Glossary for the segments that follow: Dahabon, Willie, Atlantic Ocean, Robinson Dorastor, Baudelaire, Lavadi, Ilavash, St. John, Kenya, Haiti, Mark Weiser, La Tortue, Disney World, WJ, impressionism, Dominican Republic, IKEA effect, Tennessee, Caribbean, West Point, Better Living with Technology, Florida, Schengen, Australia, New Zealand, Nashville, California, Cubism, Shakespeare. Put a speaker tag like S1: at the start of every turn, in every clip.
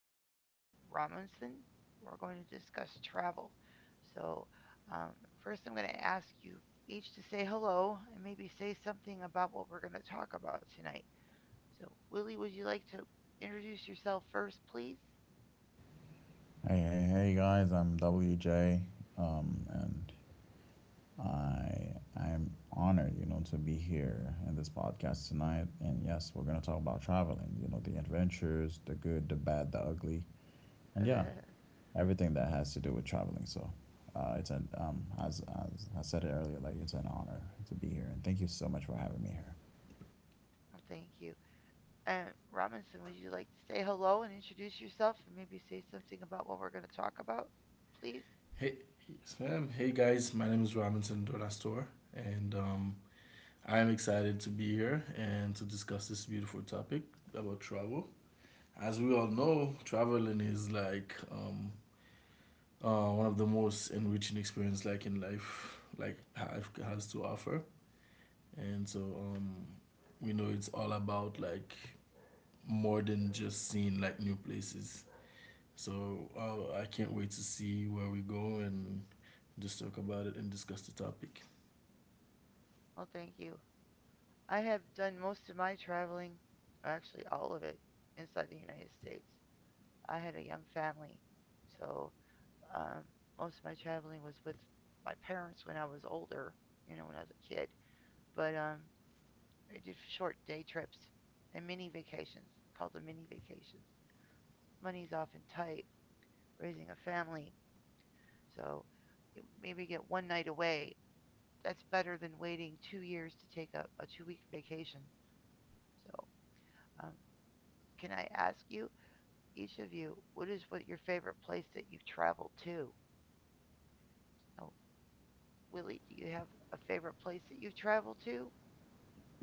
S1: and Robinson. We're going to discuss travel. So, um, First, I'm going to ask you each to say hello and maybe say something about what we're going to talk about tonight. So, Willie, would you like to introduce yourself first, please?
S2: Hey, hey, hey guys, I'm WJ, and I I'm honored, to be here in this podcast tonight. And yes, we're gonna talk about traveling, the adventures, the good, the bad, the ugly, and yeah, everything that has to do with traveling. So, it's an as I said it earlier, like, it's an honor to be here, and thank you so much for having me here.
S1: Oh, thank you. And Robinson, would you like to say hello and introduce yourself and maybe say something about what we're going to talk about, please?
S3: Hey, Sam. Hey, guys. My name is Robinson Dorastor, and I am excited to be here and to discuss this beautiful topic about travel. As we all know, traveling is like one of the most enriching experience like in life, like life has to offer. And so we know it's all about like more than just seeing like new places. So I can't wait to see where we go and just talk about it and discuss the topic.
S1: Well, thank you. I have done most of my traveling, actually all of it, inside the United States. I had a young family, so um, most of my traveling was with my parents when I was older, you know, when I was a kid. But I did short day trips and mini vacations, called them mini vacations. Money's often tight, raising a family, so maybe get one night away. That's better than waiting 2 years to take a 2 week vacation. So, um, can I ask you each of you, what is what your favorite place that you've traveled to? Oh, Willie, do you have a favorite place that you've traveled to?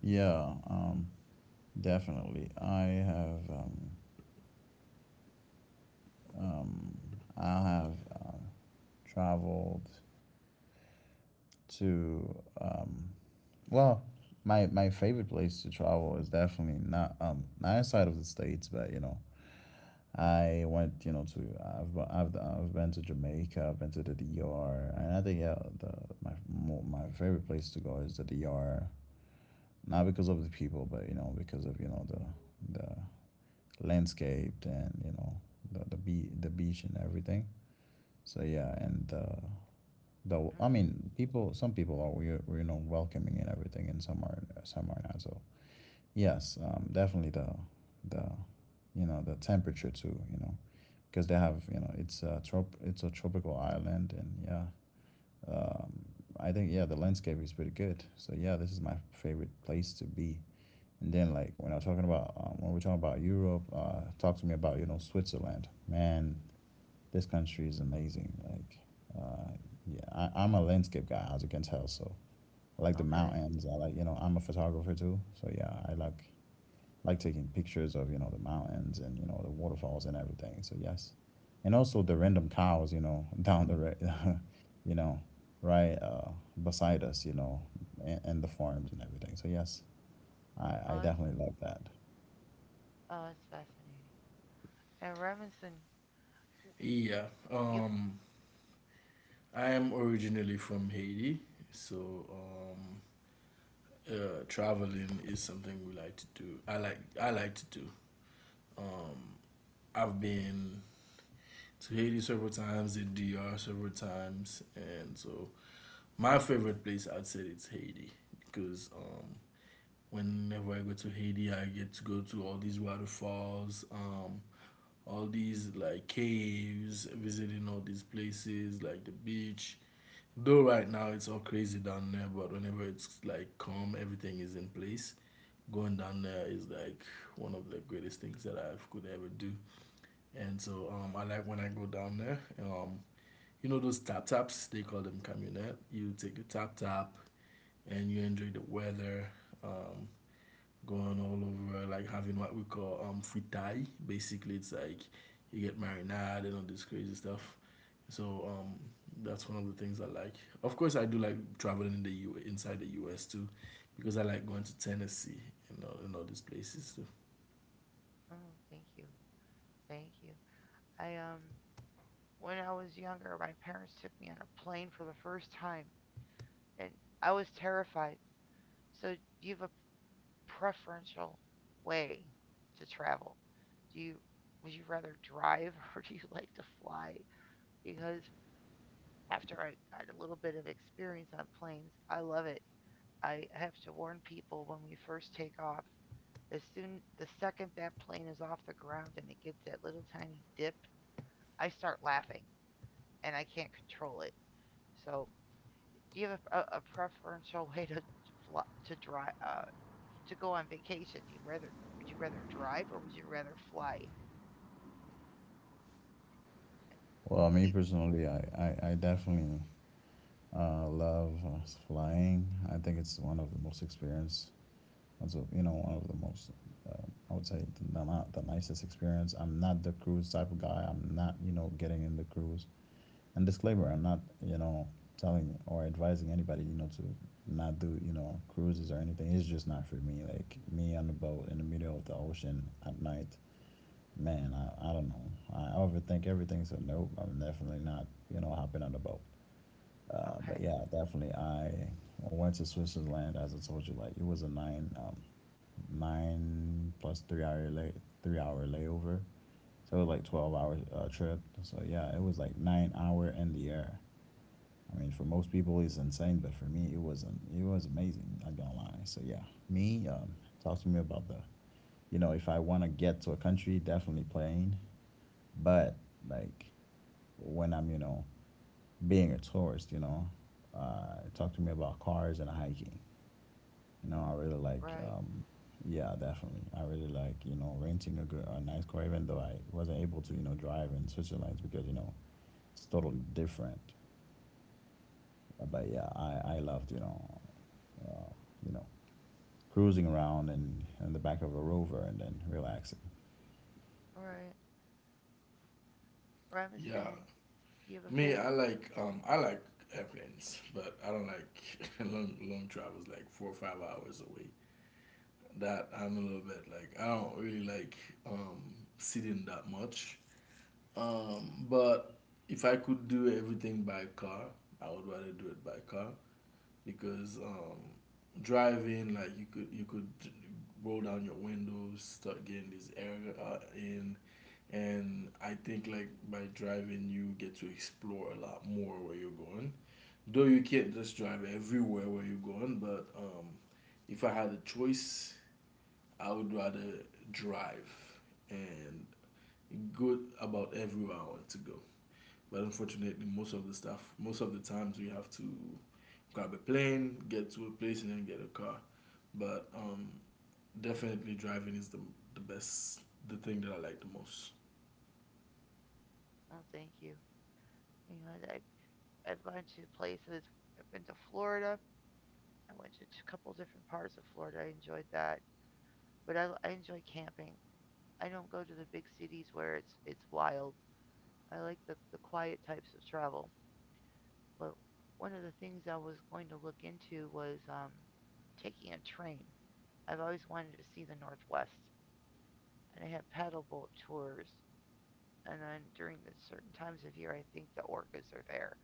S2: Yeah, definitely. Um, I have um, traveled to, well, my favorite place to travel is definitely not outside of the states. But, I went you know to I've been to Jamaica, I've been to the D R, and I think, yeah, my favorite place to go is the D R, not because of the people, but, because of, the landscape, and, the beach and everything. So yeah. And, though, I
S1: Mm-hmm.
S2: mean, people some people are we're, welcoming and everything, and some are not, so yes. Definitely the the temperature too, because they have, it's a tropical island. And yeah, um I think, yeah, the landscape is pretty good, so yeah, this is my favorite place to be. And then, like, when I'm talking about when we're talking about Europe, talk to me about, Switzerland, man. This country is amazing. Like, uh, yeah, I'm a landscape guy, as you can tell. So I like the
S1: Okay.
S2: mountains. I'm a photographer too. So yeah, I like taking pictures of, the mountains, and, the waterfalls and everything. So yes, and also the random cows, you know, right beside us, and the farms and everything. So yes, I
S1: Oh, that's,
S2: definitely love that.
S1: oh, that's fascinating. And Robinson,
S3: Yeah,
S1: do you have,
S3: um, I am originally from Haiti, so um, traveling is something we like to do. I like to do. Um, I've been to Haiti several times, the DR several times, and so my favorite place I'd say it's Haiti because whenever I go to Haiti, I get to go to all these waterfalls. All these like caves, visiting all these places like the beach. Though right now it's all crazy down there, but whenever it's like calm, everything is in place. Going down there is like one of the greatest things that I could ever do. And so I like when I go down there. You know those tap taps? They call them camionette. You take a tap tap and you enjoy the weather. Um, Going all over, like having what we call fritai. Basically, it's like you get marinade and all this crazy stuff. So that's one of the things I like. Of course, I do like traveling in the U inside the U.S. too, because I like going to Tennessee and all these places too.
S1: oh, thank you. Thank you. I, um, when I was younger, my parents took me on a plane for the first time, and I was terrified. So, do you have a preferential way to travel? Do you Would you rather drive or do you like to fly? Because after I got a little bit of experience on planes. I love it. I have to warn people when we first take off. As soon the second that plane is off the ground and it gets that little tiny dip, I start laughing and I can't control it. So, do you have a, a preferential way to fly, to drive to go on vacation? Do you rather Would you rather drive or would you rather fly?
S2: Well, me
S1: You,
S2: personally, I definitely love flying. I think it's one of the most experience. Also, one of the most. Uh, I would say not the nicest experience. I'm not the cruise type of guy. I'm not, getting in the cruise. And, disclaimer, I'm not, telling or advising anybody, to not do, cruises or anything. It's just not for me. Like, me on the boat in the middle of the ocean at night. Man, I don't know. I overthink everything, so nope, I'm definitely not, hopping on the boat. But
S1: okay,
S2: yeah, definitely. I went to Switzerland, as I told you. Like, it was a nine plus 3-hour layover. So it was like 12-hour trip. So yeah, it was like 9 hour in the air. I mean, for most people, it's insane, but for me, it wasn't. It was amazing. Not gonna lie. So yeah, me. Talk to me about the. If I want to get to a country, definitely plane. But, like, when I'm, being a tourist. Talk to me about cars and hiking. You know, I really like,
S1: right,
S2: um, yeah, definitely. I really like, renting a nice car, even though I wasn't able to, drive in Switzerland, because, it's totally different. But yeah, I loved, uh, you know, cruising around and in the back of a rover and then relaxing.
S1: right.
S3: Yeah,
S1: Robinson, do you have a
S3: me I
S1: favorite?
S3: like um I like airplanes, but I don't like long long travels like 4 or 5 hours away. That I'm a little bit like I don't really like sitting that much. But if I could do everything by car, I would rather do it by car because driving, like you could roll down your windows, start getting this air in, and I think like by driving you get to explore a lot more where you're going. Though you can't just drive everywhere where you're going, but if I had a choice, I would rather drive and go about everywhere I want to go. But unfortunately, most of the stuff, most of the times, we have to grab a plane, get to a place, and then get a car. But definitely, driving is the best, the thing that I like the most.
S1: Oh, thank you. You know, I've gone to places. I've been to Florida. I went to a couple different parts of Florida. I enjoyed that. But I enjoy camping. I don't go to the big cities where it's wild. I like the quiet types of travel. But one of the things I was going to look into was taking a train. I've always wanted to see the Northwest, and I have paddle boat tours. And then during the certain times of year, I think the orcas are there.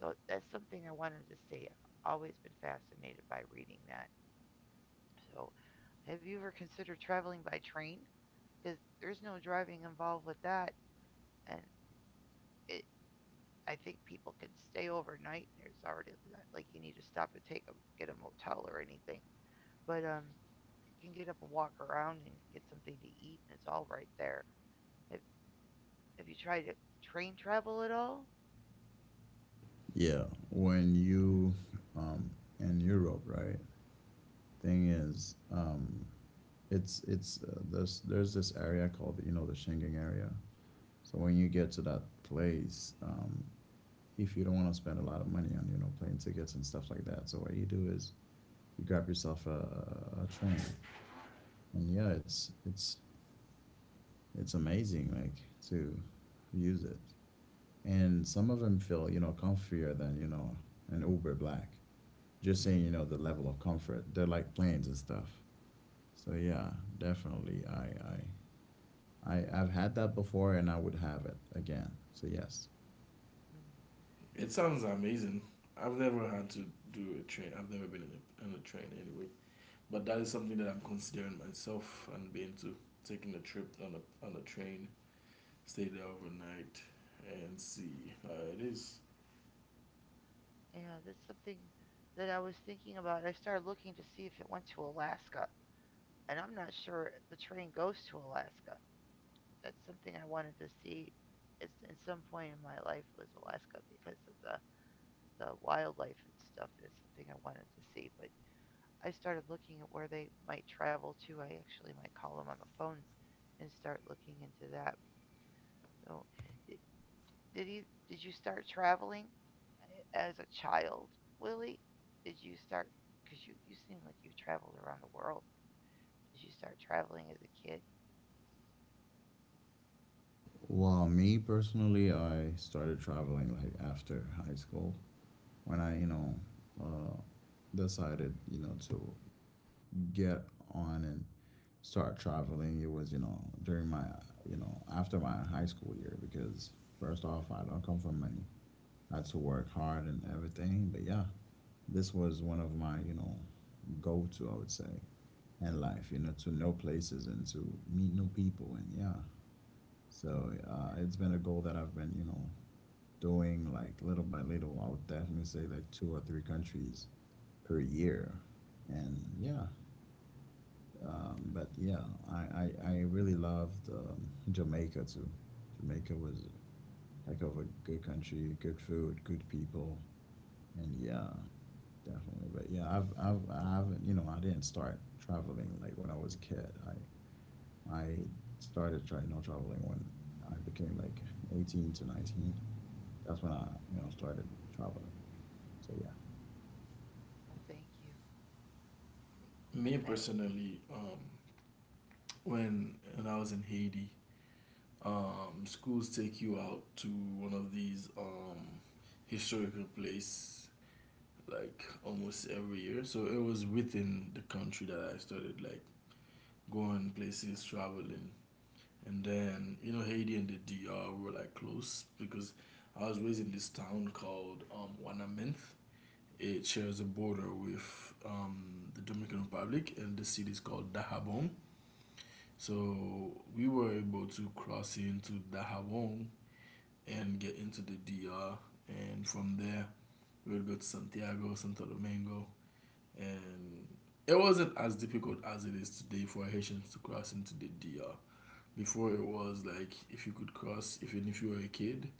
S1: So that's something I wanted to see. I've always been fascinated by reading that. So, have you ever considered traveling by train? Because there's no driving involved with that, and it, I think people can stay overnight. There's already not like you need to stop and take a get a motel or anything, but you can get up and walk around and get something to eat, and it's all right there. Have Have you tried to train travel at all?
S2: Yeah, when you, um in Europe, right? Thing is, it's there's this area called, the Schengen area. So when you get to that place, if you don't want to spend a lot of money on, plane tickets and stuff like that, so what you do is you grab yourself a train, and yeah, it's amazing, like, to use it. And some of them feel, comfier than, an Uber Black. Just saying,
S3: Mm.
S2: the level of comfort. They're like planes and stuff. So yeah, definitely, I've had that before, and I would have it again. So, yes.
S1: Hmm,
S3: It sounds
S1: I-
S3: amazing. I've never had to do a train. I've never been in in a train anyway. But that is something that I'm considering myself and being to taking a trip on a train, stay there overnight, and see how it is.
S1: yeah, that's something that I was thinking about. I started looking to see if it went to Alaska, and I'm not sure the train goes to Alaska. That's something I wanted to see. Is in some point in my life was Alaska because of the wildlife and stuff. It's something I wanted to see, but I started looking at where they might travel to. I actually might call them on the phone and start looking into that. So, did did, you, did you start traveling as a child, Willie? Did you start? Because you seem like you have traveled around the world. Did you start traveling as a kid?
S2: Well, me personally, I started traveling, like, after high school, when I, uh, decided, to get on and start traveling. It was, during my, after my high school year, because, first off, I don't come from money. I had to work hard and everything. But yeah, this was one of my, go to, I would say, in life, to know places and to meet new people. And yeah, so, it's been a goal that I've been, doing, like, little by little. I would definitely say like two or three countries per year. And yeah, but yeah, I really loved, Jamaica too. Jamaica was a heck of a good country, good food, good people, and yeah, definitely. But yeah, I didn't start traveling like when I was a kid. I started trying, traveling when I became like 18 to 19. That's when I, started traveling. So yeah.
S1: Oh, thank you.
S3: Me
S1: I, I,
S3: personally, when and I was in Haiti, schools take you out to one of these historical place like almost every year. So it was within the country that I started like going places, traveling, and then you know Haiti and the DR were like close because I was raised in this town called Wanaminth. It shares a border with the Dominican Republic, and the city is called Dahabon. So we were able to cross into Dajabon and get into the DR. And from there, we would go to Santiago, Santo Domingo. And it wasn't as difficult as it is today for Haitians to cross into the DR. Before it was like if you could cross, even if you were a kid,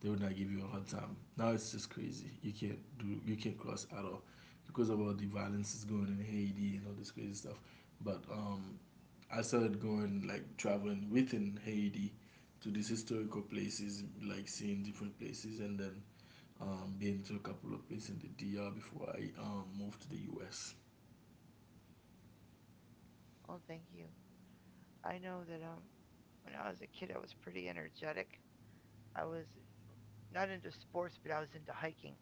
S3: they would not give you a hard time. Now it's just crazy. You can't cross at all because of all the violence that's going in Haiti and all this crazy stuff. But I started going like traveling within Haiti to these historical places, like seeing different places, and then been to a couple of places in the DR before I moved to the US.
S1: oh, thank you. I know that when I was a kid, I was pretty energetic. I was not into sports, but I was into hiking,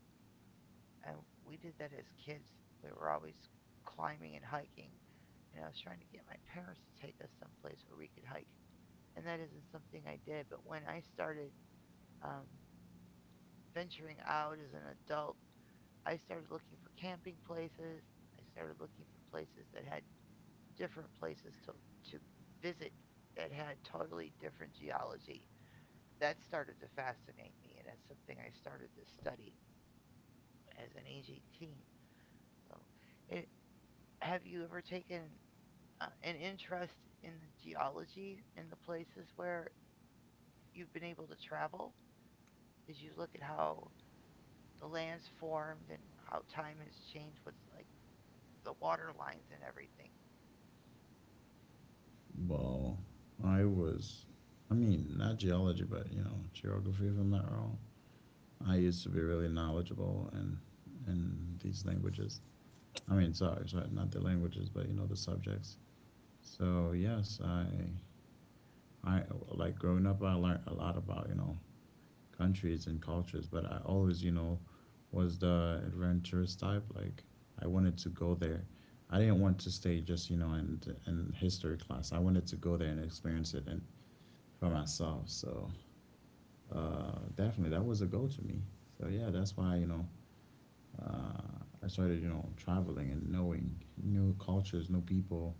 S1: and we did that as kids. We were always climbing and hiking, and I was trying to get my parents to take us someplace where we could hike. And that isn't something I did, but when I started um, venturing out as an adult, I started looking for camping places. I started looking for places that had different places to visit that had totally different geology. That started to fascinate me, and that's something I started to study as an aging teen. So, it, have you ever taken an interest in the geology in the places where you've been able to travel? As you look at how the land's formed and how time has changed with like the water lines and everything?
S2: Well, I was, I mean, not geology, but, geography, if I'm not wrong. I used to be really knowledgeable in these languages. I mean, sorry, sorry, not the languages, but, the subjects. So yes, I like growing up, I learned a lot about, countries and cultures. But I always, was the adventurous type. Like, I wanted to go there. I didn't want to stay just, in history class. I wanted to go there and experience it, and for myself. So, definitely, that was a goal to me. So yeah, that's why, I started, traveling and knowing new cultures, new people,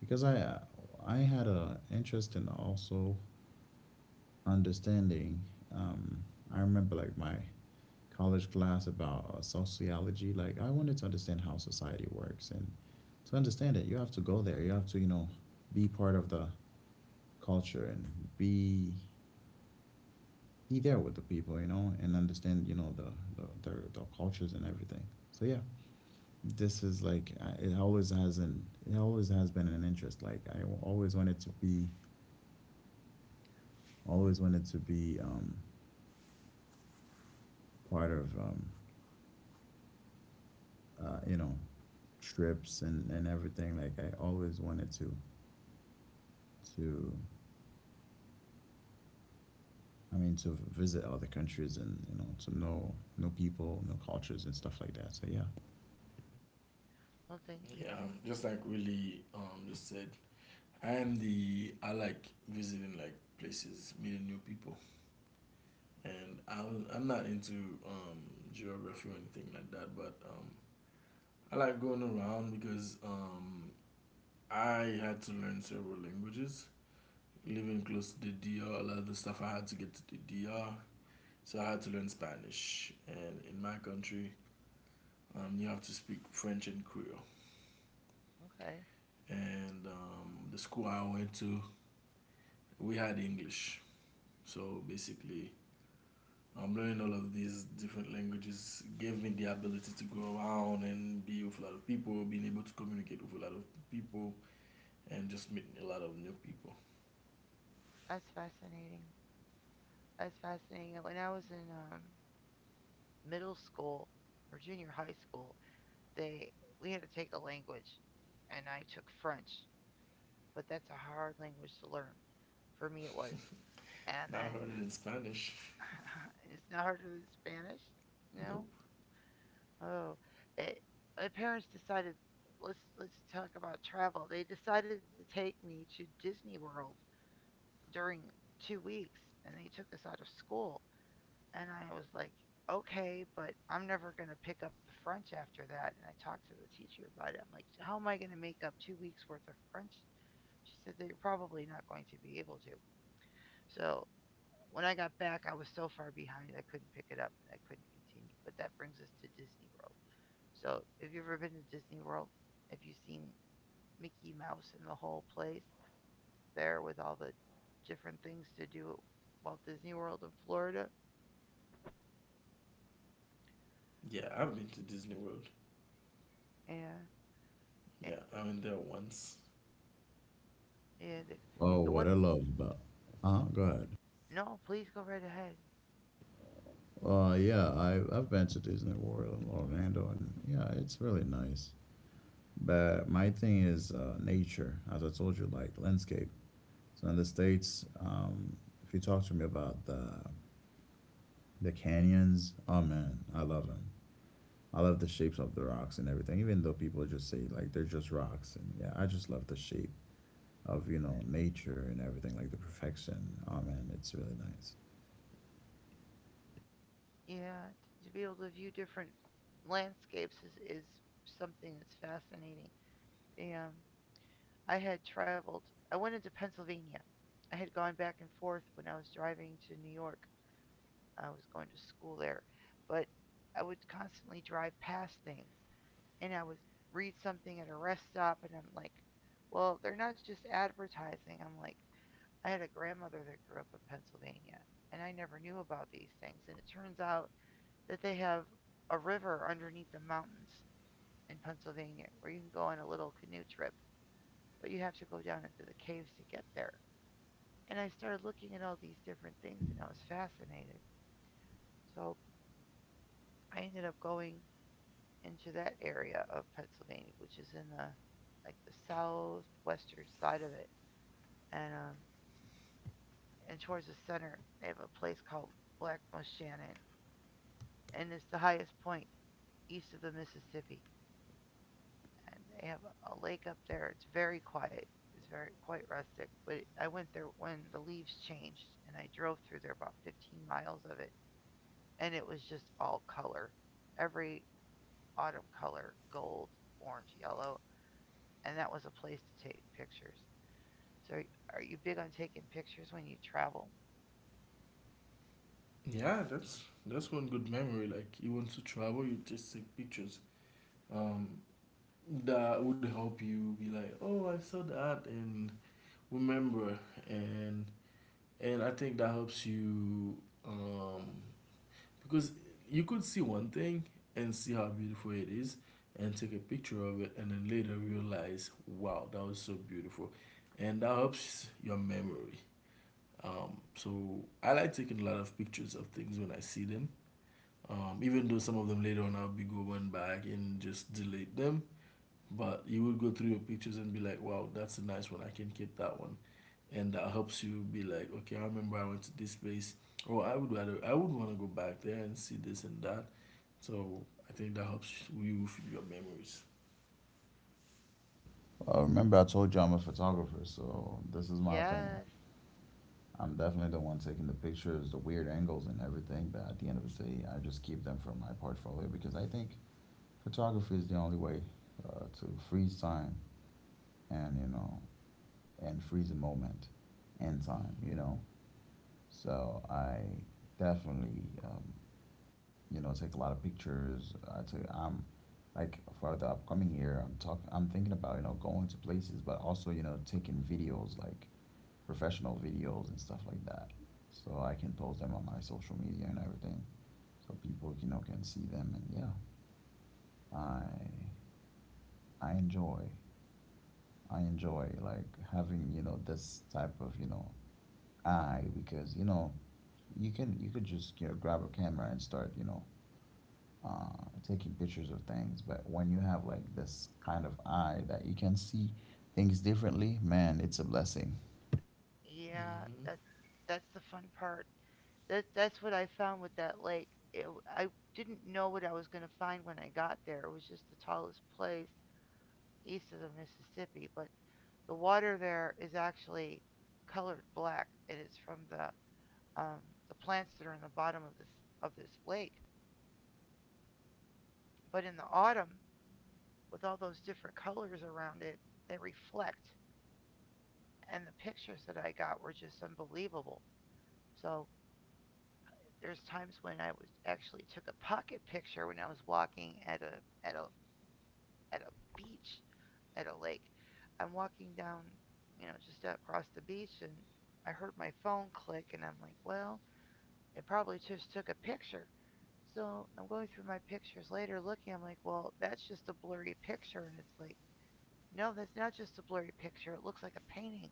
S2: because I had a interest in also understanding. Um, I remember, like, my college class about, sociology. Like, I wanted to understand how society works, and to understand it, you have to go there. You have to, be part of the culture, and be be there with the people, and understand, their cultures and everything. So yeah, this is like, it always has been an interest. Like, always wanted to be, always wanted to be um, part of, uh, you know trips and, everything, like, I always wanted to to I mean, to visit other countries, and, to know people, know cultures and stuff like that. So yeah.
S1: Oh, thank you.
S3: Yeah, just like really just said, I am the I like visiting like places, meeting new people. And I'm not into geography or anything like that, but I like going around because I had to learn several languages. Living close to the DR, a lot of the stuff I had to get to the DR, so I had to learn Spanish. And in my country, you have to speak French and Creole.
S1: Okay,
S3: And the school I went to, we had English. So basically, learning all of these different languages gave me the ability to go around and be with a lot of people, being able to communicate with a lot of people, and just meeting a lot of new people.
S1: that's fascinating. That's fascinating. When I was in middle school or junior high school, they we had to take a language, and I took French, but that's a hard language to learn. For me, it was. And
S3: Not
S1: then
S3: heard it in Spanish.
S1: it's not harder than Spanish,
S3: Nope.
S1: no? Oh, it, my parents decided let's talk about travel. They decided to take me to Disney World during 2 weeks, and they took us out of school. And I was like, okay, but I'm never going to pick up the French after that. And I talked to the teacher about it. I'm like, how am I going to make up 2 weeks worth of French? She said that you're probably not going to be able to. So when I got back, I was so far behind I couldn't pick it up and I couldn't continue. But that brings us to Disney World. So if you've ever been to Disney World, if you've seen Mickey Mouse and the whole place there with all the different things to do at Walt Disney World in Florida,
S3: Yeah, I've been to Disney World.
S1: and and
S3: Yeah,
S1: the,
S3: I went there once.
S1: and the,
S2: Oh,
S1: the
S2: what
S1: one.
S2: I love about, go ahead.
S1: No, please go right ahead.
S2: Yeah, I've been to Disney World in Orlando, and yeah, it's really nice. But my thing is, nature, as I told you, like landscape. So in the States, if you talk to me about the canyons, oh man, I love them. I love the shapes of the rocks and everything, even though people just say, like, they're just rocks. And yeah, I just love the shape of, nature and everything, like the perfection. Oh man, it's really nice.
S1: Yeah, to be able to view different landscapes is something that's fascinating. The, um, I had traveled, I went into Pennsylvania. I had gone back and forth when I was driving to New York. I was going to school there, but I would constantly drive past things and I would read something at a rest stop and I'm like, well, they're not just advertising. I'm like, I had a grandmother that grew up in Pennsylvania and I never knew about these things. And it turns out that they have a river underneath the mountains in Pennsylvania where you can go on a little canoe trip, but you have to go down into the caves to get there. And I started looking at all these different things and I was fascinated. So I ended up going into that area of Pennsylvania, which is in the like the southwestern side of it. And and towards the center they have a place called Black Shannon, and it's the highest point east of the Mississippi. And they have a lake up there. It's very quiet. It's very quite rustic. But I went there when the leaves changed, and I drove through there about 15 miles of it, and it was just all color, every autumn color, gold, orange, yellow, and that was a place to take pictures. So, are you big on taking pictures when you travel?
S3: Yeah, that's one good memory. Like you want to travel, you just take pictures. Um, that would help you be like, oh, I saw that, and remember, and I think that helps you um Because you could see one thing and see how beautiful it is and take a picture of it and then later realize, wow, that was so beautiful. And that helps your memory. So I like taking a lot of pictures of things when I see them. Even though some of them later on I'll be going back and just delete them. But you would go through your pictures and be like, wow, that's a nice one. I can keep that one. And that helps you be like, okay, I remember I went to this place. Or I would rather, I would want to go back there and see this and that. So I think that helps you with your memories.
S2: Well, remember, I told you I'm a photographer, so this is my thing. Like,
S1: Yes.
S2: I'm definitely the one taking the pictures, the weird angles and everything, but at the end of the day, I just keep them for my portfolio, because I think photography is the only way, to freeze time, and, freeze a moment in time,
S3: Mm-hmm.
S2: you know. So I definitely, take a lot of pictures. I'm like, for the upcoming year, I'm thinking about, going to places, but also, taking videos, like professional videos and stuff like that. So I can post them on my social media and everything. So people, can see them. And yeah, I, I enjoy, I enjoy, like, having, this type of, eye, because, you could just, grab a camera and start, taking pictures of things. But when you have, like, this kind of eye that you can see things differently, man, it's a blessing.
S1: Yeah, that's the fun part. That's what I found with that lake. I didn't know what I was going to find when I got there. It was just the tallest place east of the Mississippi, but the water there is actually colored black. It is from um, the plants that are in the bottom of this lake. But in the autumn, with all those different colors around it, they reflect, and the pictures that I got were just unbelievable. So there's times when I was actually took a pocket picture when I was walking at a at a at a beach at a lake. I'm walking down, you know, just across the beach and I heard my phone click and I'm like, well, it probably just took a picture. So I'm going through my pictures later looking, I'm like, well, that's just a blurry picture. And it's like, no, that's not just a blurry picture. It looks like a painting.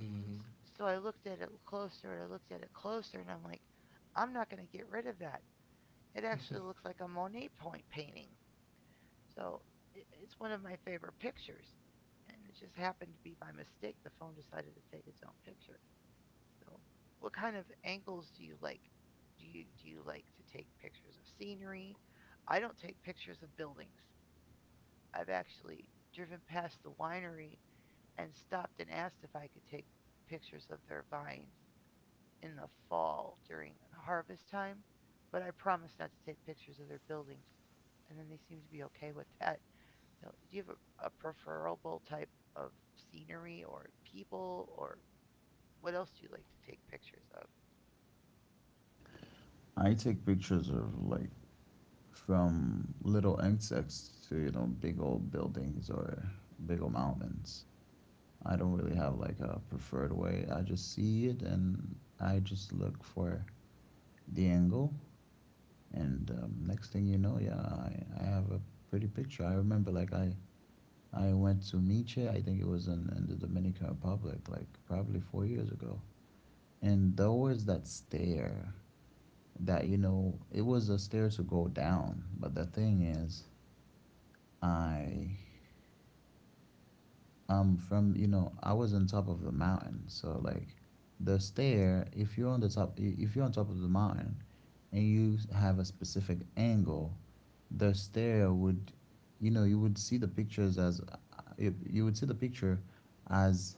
S3: Mm-hmm. Mm-hmm.
S1: So I looked at it closer and I looked at it closer and I'm like, I'm not going to get rid of that. It actually looks like a Monet point painting. So it's one of my favorite pictures. And it just happened to be by mistake the phone decided to take its own picture. So what kind of angles do you like? Do you like to take pictures of scenery? I don't take pictures of buildings. I've actually driven past the winery and stopped and asked if I could take pictures of their vines in the fall during harvest time, but I promise not to take pictures of their buildings. And then they seem to be okay with that. So, do you have a preferable type of scenery or people or what else do you like to take pictures of?
S2: I take pictures of, like, from little insects to, big old buildings or big old mountains. I don't really have, like, a preferred way. I just see it and I just look for the angle. And, next thing you know, yeah, I have a pretty picture. I remember, like, I went to Miche. I think it was in the Dominican Republic, like probably 4 years ago. And there was that stair that, you know, it was a stair to go down. But the thing is, I from you know I was on top of the mountain, so like the stair, if you're on the top, if you're on top of the mountain and you have a specific angle, the stair would, you know, you would see the pictures as you would see the picture as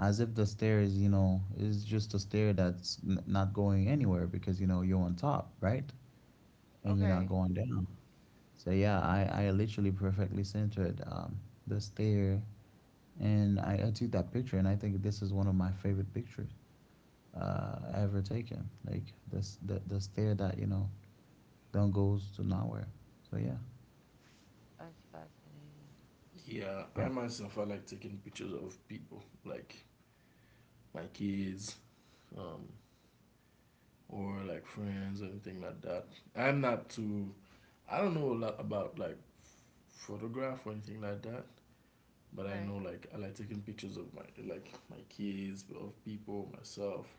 S2: as if the stair is, you know, is just a stair that's not going anywhere because, you know, you're on top, right? And you're not
S1: Okay,
S2: going down. So yeah, I literally perfectly centered the stair, and I took that picture, and I think this is one of my favorite pictures ever taken. Like this, the stair that, you know, don't goes to nowhere. So yeah,
S1: that's fascinating.
S3: Yeah, I
S2: yeah.
S3: myself I like taking pictures of people, like my kids, um, or like friends or anything like that. I'm not too I don't know a lot about like photograph or anything like that, but I
S1: Okay,
S3: know like I like taking pictures of my like my kids, of people, myself,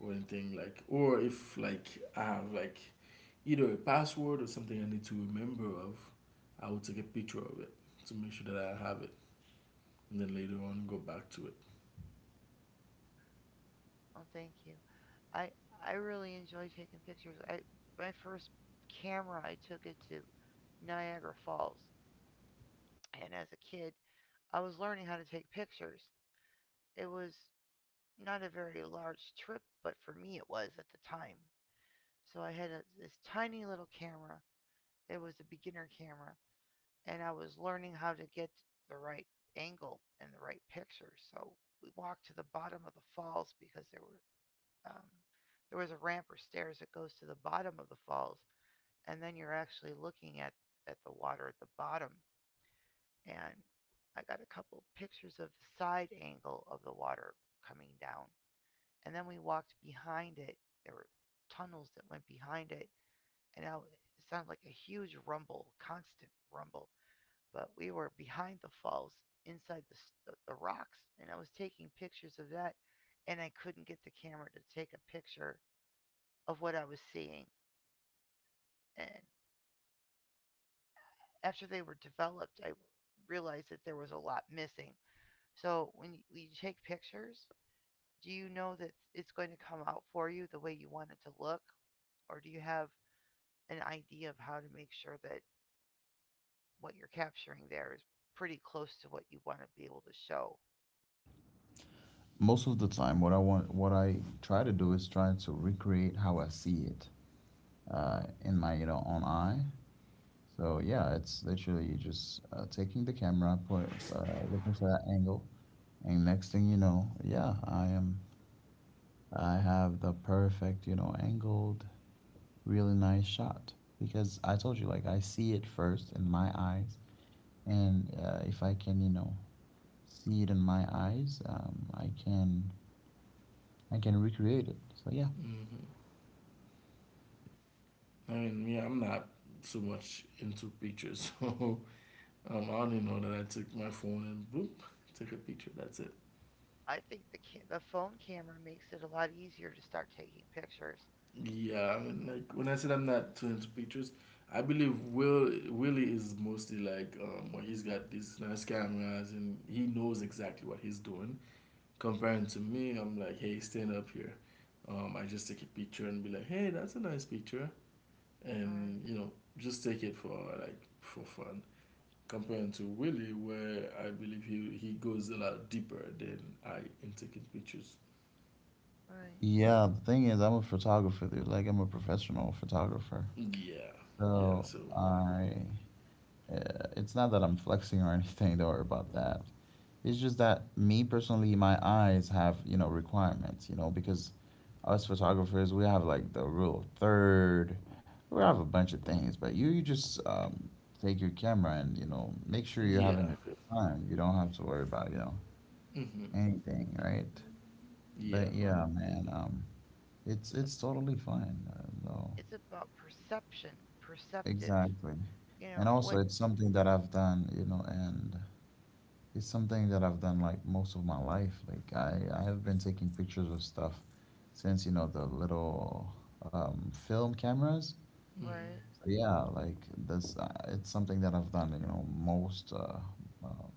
S3: or anything like or if like I have like either a password or something I need to remember of, I will take a picture of it to make sure that I have it and then later on go back to it.
S1: well, thank you. I I really enjoy taking pictures. I, my first camera I took it to Niagara Falls, and as a kid, I was learning how to take pictures. It was not a very large trip, but for me it was at the time. So I had a, this tiny little camera. It was a beginner camera, and I was learning how to get the right angle and the right picture. So we walked to the bottom of the falls because there were um, there was a ramp or stairs that goes to the bottom of the falls, and then you're actually looking at the water at the bottom. And I got a couple pictures of the side angle of the water coming down, and then we walked behind it. There were tunnels that went behind it, and now it sounded like a huge rumble, constant rumble. But we were behind the falls, inside the rocks, and I was taking pictures of that, and I couldn't get the camera to take a picture of what I was seeing. And after they were developed, I realized that there was a lot missing. So when you take pictures, do you know that it's going to come out for you the way you want it to look, or do you have an idea of how to make sure that what you're capturing there is pretty close to what you want to be able to show?
S2: Most of the time, what I want, what I try to do is try to recreate how I see it in my, you know, own eye. So yeah, it's literally just taking the camera, looking for that angle, and next thing you know, yeah, I am. I have the perfect, you know, angled really nice shot, because I told you, like, I see it first in my eyes, and if I can, you know, see it in my eyes, I can recreate it. So yeah,
S3: Hmm. I mean, yeah, I'm not so much into pictures, so I only know that I took my phone and boop, take a picture. That's it.
S1: I think the the phone camera makes it a lot easier to start taking pictures.
S3: Yeah, I mean, like when I said I'm not too into pictures, I believe Willie is mostly like well, he's got these nice cameras and he knows exactly what he's doing. Comparing to me, I'm like, hey, stand up here. I just take a picture and be like, hey, that's a nice picture,
S1: All right,
S3: and you know, just take it for fun. Comparing to Willie, where I believe he goes a lot deeper than I in taking pictures.
S1: all right.
S2: yeah. The thing is, I'm a photographer, dude. Like I'm a professional photographer,
S3: Yeah, yeah.
S2: so
S3: So
S2: I it's not that I'm flexing or anything. Don't worry about that. It's just that, me personally, my eyes have, you know, requirements. You know, because us photographers, we have like the rule of third. We have a bunch of things, but you just take your camera and, you know, make sure you're
S3: yeah,
S2: having a good time. You don't have to worry about, you know,
S3: mm-hmm.
S2: anything, right?
S3: Yeah,
S2: But
S1: Well,
S2: yeah, man,
S1: it's a,
S2: it's totally fine. No,
S1: it's about perception, perceptive.
S2: exactly.
S1: You
S2: And
S1: know
S2: also,
S1: what?
S2: it's something that I've done, you know, and it's something that I've done like most of my life. Like I have been taking pictures of stuff since, you know, the little film cameras.
S3: mm-hmm.
S1: Right,
S2: So yeah, like that's it's something that I've done. You know, most um,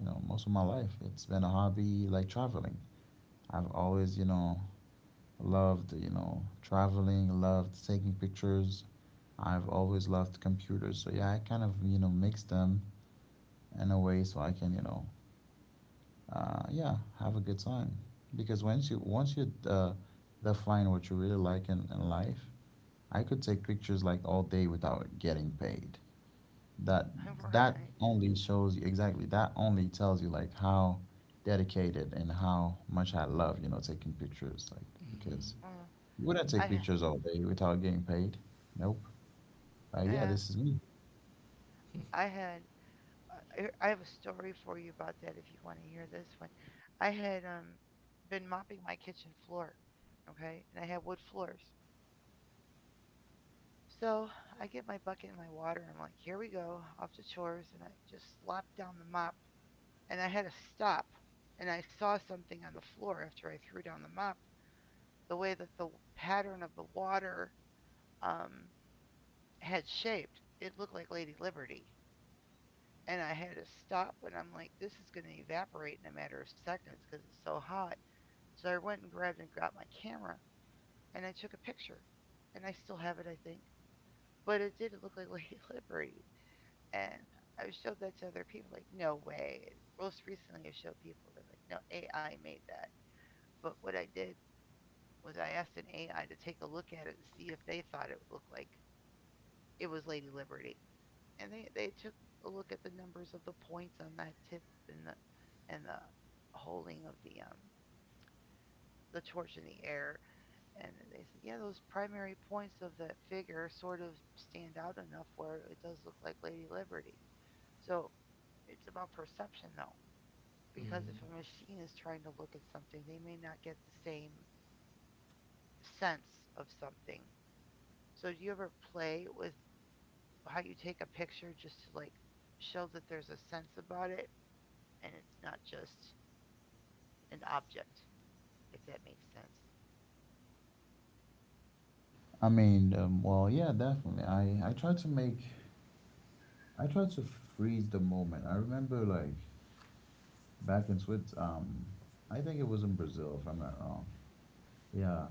S2: you know, most of my life. It's been a hobby, like traveling. I've always, you know, loved, you know, traveling, loved taking pictures. I've always loved computers. So yeah, I kind of, you know, mix them in a way so I can, you know, yeah, have a good time. Because once you define what you really like in life, I could take pictures like all day without getting paid. That that
S1: right.
S2: only shows you exactly, that only tells you like how dedicated and how much I love, you know, taking pictures, like
S3: Mm-hmm.
S2: because
S1: Well,
S2: you wouldn't
S1: I
S2: take
S1: ha-
S2: pictures all day without getting paid. Nope. Yeah,
S1: yeah,
S2: this is me.
S1: I I had I have a story for you about that if you want to hear this one. I had been mopping my kitchen floor, okay, and I had wood floors. So I get my bucket and my water, and I'm like, here we go, off to chores. And I just slapped down the mop. And I had to stop. And I saw something on the floor after I threw down the mop. The way that the pattern of the water um, had shaped, it looked like Lady Liberty. And I had to stop. And I'm like, this is going to evaporate in a matter of seconds because it's so hot. So I went and grabbed and got my camera. And I took a picture. And I still have it, I think. But it did look like Lady Liberty. And I've showed that to other people. Like, no way. Most recently, I showed people. They're like, no, AI made that. But what I did was I asked an AI to take a look at it and see if they thought it looked like it was Lady Liberty, and they took a look at the numbers of the points on that tip and the holding of the torch in the air, and they said yeah, those primary points of that figure sort of stand out enough where it does look like Lady Liberty. So it's about perception though, because
S3: Mm-hmm.
S1: if a machine is trying to look at something, they may not get the same sense of something. So, do you ever play with how you take a picture just to like show that there's a sense about it and it's not just an object, if that makes sense?
S2: I mean, well, yeah, definitely. I try to make I try to freeze the moment. I remember like back in Switzerland. I think it was in Brazil, if I'm not wrong. Yeah,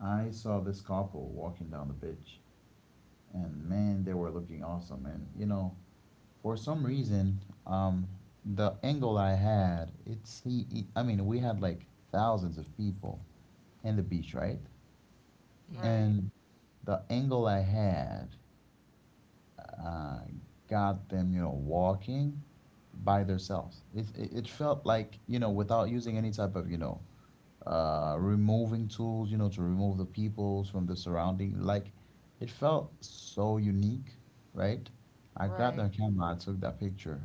S2: I saw this couple walking down the beach, and man, they were looking awesome. And you know, for some reason, the angle I had, it's the, I mean, we had like thousands of people in the beach, right?
S3: Mm-hmm.
S1: Right,
S2: And the angle I had uh, got them, you know, walking by themselves. It felt like, you know, without using any type of, you know, removing tools, you know, to remove the peoples from the surrounding. Like, it felt so unique, right? I grabbed
S1: right.
S2: their camera, I took that picture,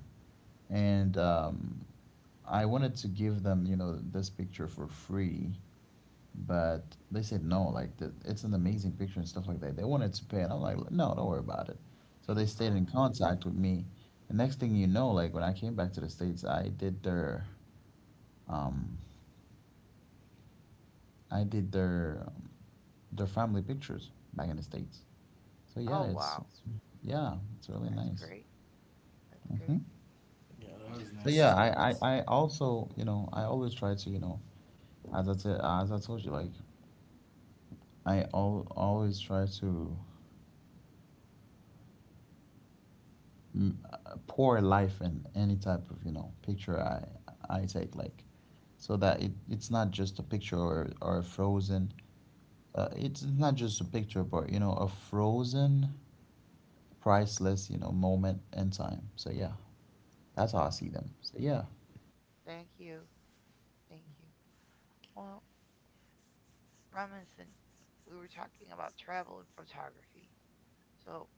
S2: and I wanted to give them, you know, this picture for free, but they said no, like the, it's an amazing picture and stuff like that, they wanted to pay, and I'm like, no, don't worry about it. So they stayed in
S1: Oh,
S2: contact with me, and next thing you know, like when I came back to the States, I did their um i did their um, their family pictures back in the States. So
S1: oh
S2: yeah,
S1: wow.
S2: it's yeah, it's really
S1: That's
S2: nice.
S1: great. That's
S2: Hmm.
S1: great.
S3: Yeah.
S1: Oh,
S3: That was a
S2: So
S3: nice
S2: yeah, I, I
S3: experience.
S2: i also, you know, I always try to, you know, as I said, as I told you, like I always try to pour life in any type of, you know, picture I take, like so that it's not just a picture or a frozen it's not just a picture, but, you know, a frozen priceless, you know, moment in time. So yeah, that's how I
S1: oh,
S2: see them. So yeah,
S1: thank you. Thank you. Well, Robinson, we were talking about travel and photography. So,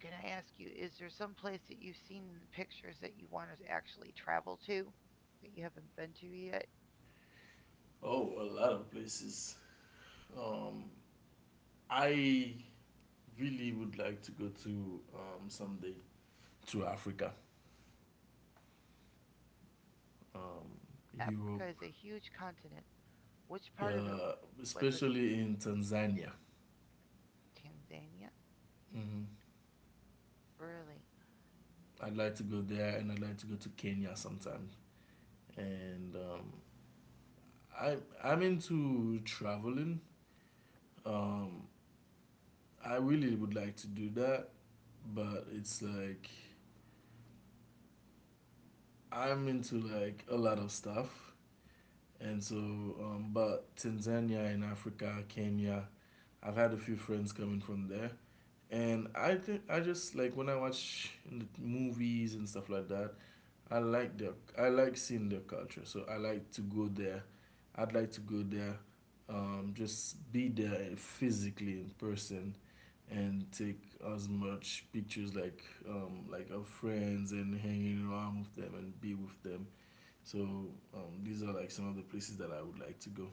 S1: can I ask you, is there some place that you've seen in the pictures that you want to actually travel to that you haven't been to yet?
S3: Oh, a lot of places. Um, I really would like to go to someday to Africa, um,
S1: Africa
S3: Europe,
S1: is a huge continent. Which part of it would
S3: uh,
S1: you want us?
S3: especially in Tanzania.
S1: Tanzania?
S3: hmm
S1: Really?
S3: I'd like to go there, and I'd like to go to Kenya sometime. And I I'm into traveling. Um, I really would like to do that, but it's like I'm into like a lot of stuff, and so but Tanzania in Africa, Kenya, I've had a few friends coming from there. And I think I just like when I watch the movies and stuff like that, I like seeing their culture. So I like to go there. I'd like to go there, just be there physically in person, and take as much pictures like of friends and hanging around with them and be with them. So these are like some of the places that I would like to go.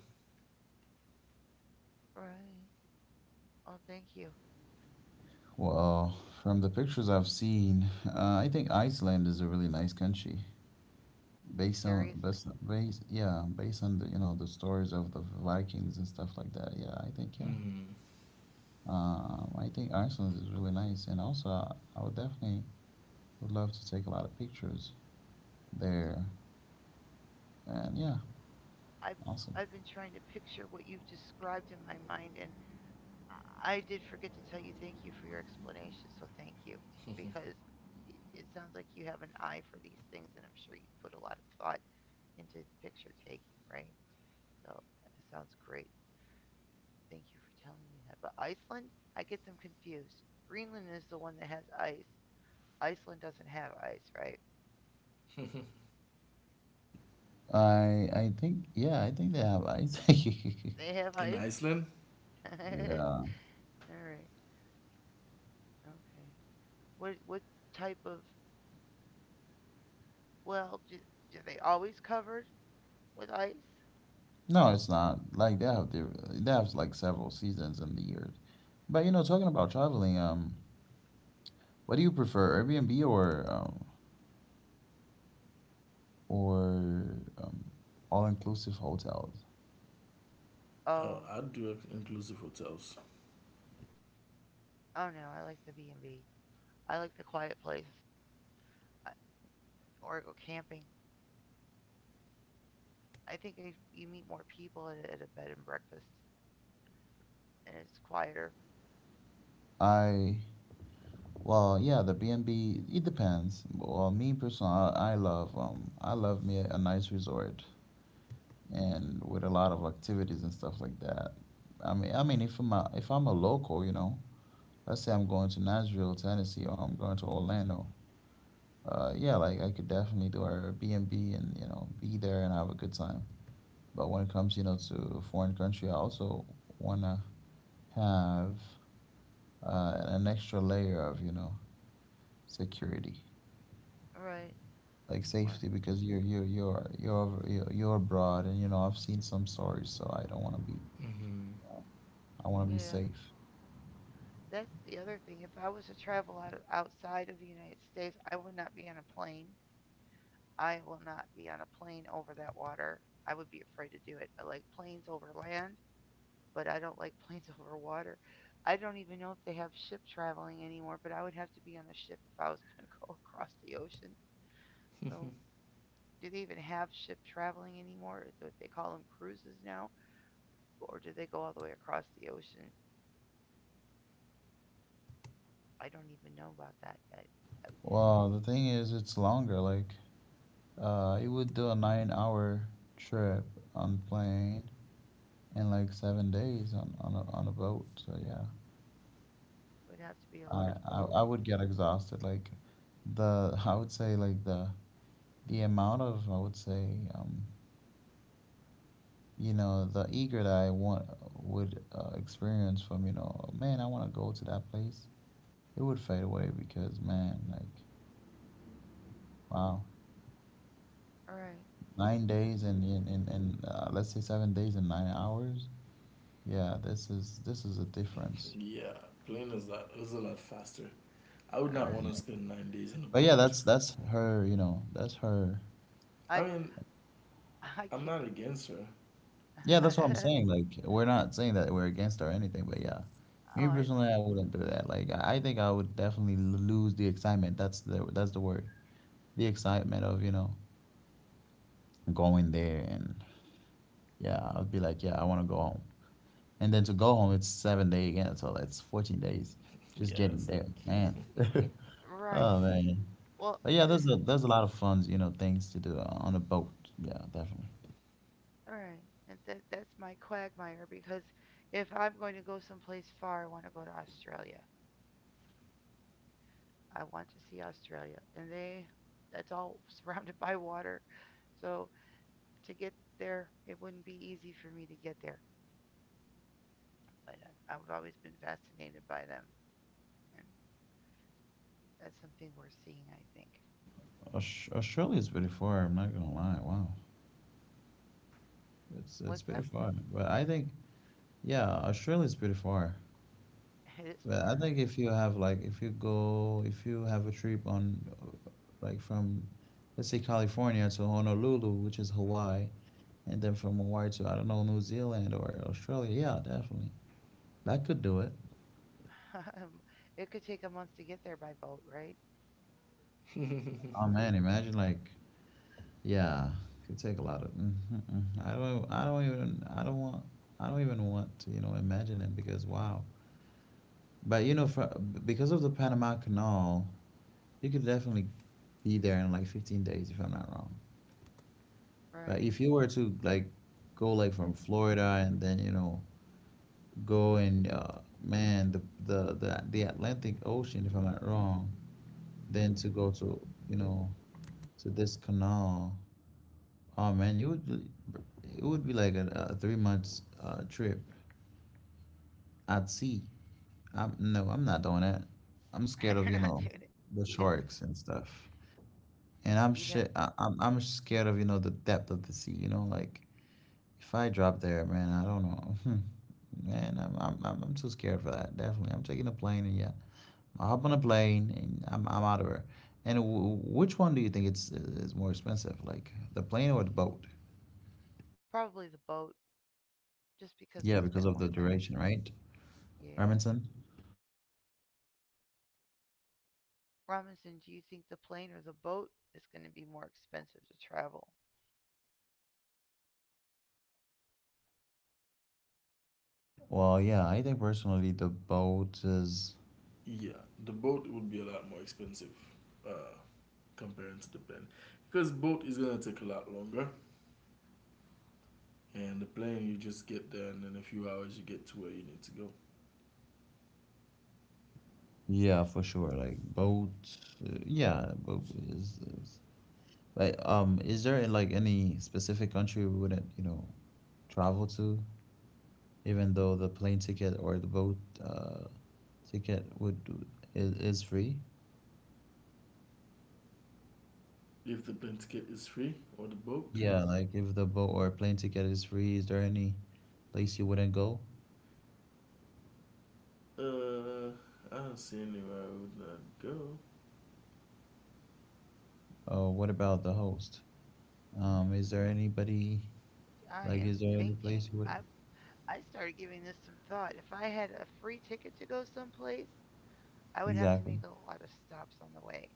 S1: Right. Oh, thank you.
S2: well, from the pictures I've seen, I think Iceland is a really nice country, based on
S1: Seriously.
S2: based, yeah, based on the, you know, the stories of the Vikings and stuff like that. Yeah, I think, yeah.
S3: hmm
S2: I think Iceland is really nice, and also I would definitely would love to take a lot of pictures there. And yeah,
S1: I've,
S2: awesome.
S1: I've been trying to picture what you've described in my mind, and I did forget to tell you thank you for your explanation, so thank you because it sounds like you have an eye for these things, and I'm sure you put a lot of thought into picture taking, right? So it sounds great. Thank you for telling me that. But Iceland, I get them confused. Greenland is the one that has ice. Iceland doesn't have ice, right?
S2: I think, yeah, I think they have ice.
S1: They have
S3: In
S1: ice.
S3: Iceland.
S1: All
S2: Yeah.
S1: right. Okay. What type of well do, do they always covered with ice?
S2: No, it's not. Like they have their they have like several seasons in the year. But you know, talking about traveling, what do you prefer, Airbnb or um, all inclusive hotels?
S1: Oh,
S3: I'd do inclusive hotels.
S1: I don't know. I like the B and B. I like the quiet place, I, or I go camping. I think if you meet more people at a bed and breakfast, and it's quieter.
S2: I Well, yeah, the B&B, it depends. Well, me personally, I love I love me a nice resort, and with a lot of activities and stuff like that. I mean, if I'm a local, you know, let's say I'm going to Nashville, Tennessee, or I'm going to Orlando. Yeah, like I could definitely do our B&B and, B and, you know, be there and have a good time. But when it comes, you know, to a foreign country, I also wanna have an extra layer of, you know, security.
S1: All right.
S2: Like
S1: Uh,
S2: safety, because you're abroad, and you know, I've seen some stories, so I don't want to be
S3: Hmm.
S2: I want to be
S1: yeah.
S2: safe.
S1: That's the other thing. If I was to travel out of, outside of the United States, I would not be on a plane. I will not be on a plane over that water. I would be afraid to do it. I like planes over land, but I don't like planes over water. I don't even know if they have ship traveling anymore, but I would have to be on a ship if I was going to go across the ocean. So do they even have ship traveling anymore? Is what they call them cruises now, or do they go all the way across the ocean? I don't even know about that yet.
S2: Well, the thing is, it's longer, like you would do a 9-hour trip on plane, and like 7 days on a boat. So yeah.
S1: It would have to be a
S2: I,
S1: large
S2: I
S1: boat.
S2: I would get exhausted, like the I would say like the amount of, I would say, um you know, the eager that I want would experience from, you know, man, I want to go to that place. It would fade away because, man, like wow,
S1: All right.
S2: 9 days, and in let's say 7 days and 9 hours. Yeah, this is a difference.
S3: Yeah, plane is a lot faster. I would not
S1: Uh,
S3: want to
S2: Exactly.
S3: spend 9 days in a
S2: But yeah,
S3: boat.
S2: that's her. You know, that's her.
S1: I
S3: I mean,
S1: I
S3: I'm
S1: can't.
S3: not against her.
S2: Yeah, that's what I'm saying. Like we're not saying that we're against her or anything, but yeah,
S1: Oh,
S2: me
S1: I,
S2: personally, I wouldn't do that. Like I think I would definitely lose the excitement. That's the word. The excitement of, you know, going there, and yeah, I'd be like, yeah, I want to go home. And then to go home, it's 7 day again. So that's 14 days just
S3: Yeah,
S2: getting
S3: that's
S2: there,
S3: like
S2: man. Oh,
S1: right.
S2: man.
S1: Well,
S2: But yeah,
S1: this is
S2: there's a lot of fun, you know, things to do on a boat. Yeah, definitely.
S1: all right. And that's my quagmire because if I'm going to go someplace far, I want to go to Australia. I want to see Australia, and they that's all surrounded by water. So to get there, it wouldn't be easy for me to get there, but I- have always been fascinated by them, and that's something we're seeing, I think.
S2: Australia is pretty far. I'm not gonna lie. Wow,
S1: What's up?
S2: it's pretty far. But I think yeah, Australia is pretty far.
S1: It is
S2: But
S1: far.
S2: I think if you have, like, if you go, if you have a trip on like from, let's say, California to Honolulu, which is Hawaii, and then from Hawaii to, I don't know, New Zealand or Australia. Yeah, definitely that could do it.
S1: It could take a month to get there by boat, right?
S2: Oh man, imagine like yeah, could take a lot of. Mm mm, I don't even I don't want I don't even want to, you know, imagine it because wow. But you know, for because of the Panama Canal, you could definitely be there in like 15 days, if I'm not wrong. But
S1: Right.
S2: if you were to like go, like from Florida, and then, you know, go and man, the, the Atlantic Ocean, if I'm not wrong, then to go to, you know, to this canal, oh man, you would it would be like a 3 months trip at sea. I'm no, I'm not doing that. I'm scared
S1: You're
S2: of, you
S1: not
S2: know,
S1: doing it.
S2: the
S1: You'd have to.
S2: sharks and stuff, and I'm
S1: You'd have,
S2: shit. I'm scared of, you know, the depth of the sea. You know, like if I drop there, man, I don't know. Man, I'm too scared for that. Definitely, I'm taking a plane, and yeah, I hop on a plane, and I'm out of here. And which one do you think it's is more expensive, like the plane or the boat?
S1: probably the boat, just because we
S2: Yeah, because
S1: spend more
S2: of the
S1: time on it.
S2: duration, right,
S1: Yeah.
S2: Remington?
S1: Robinson, do you think the plane or the boat is going to be more expensive to travel?
S2: Well, yeah, I think personally the boat is
S3: yeah, the boat would be a lot more expensive, uh, comparing to the plane, because boat is gonna take a lot longer, and the plane you just get there and in a few hours you get to where you need to go.
S2: yeah, for sure. Like boat, yeah, boat is like is there like any specific country we wouldn't travel to? Even though the plane ticket or the boat uh, ticket is free.
S3: If the plane ticket is free or the boat,
S2: Yeah, like if the boat or plane ticket is free, is there any place you wouldn't go?
S3: uh, I don't see anywhere I would not go.
S2: What about the host? Is there anybody
S1: I
S2: like
S1: am
S2: is there any
S1: thinking
S2: place you would
S1: I started giving this some thought. If I had a free ticket to go someplace, I would have to
S2: exactly?
S1: make a lot of stops on the way.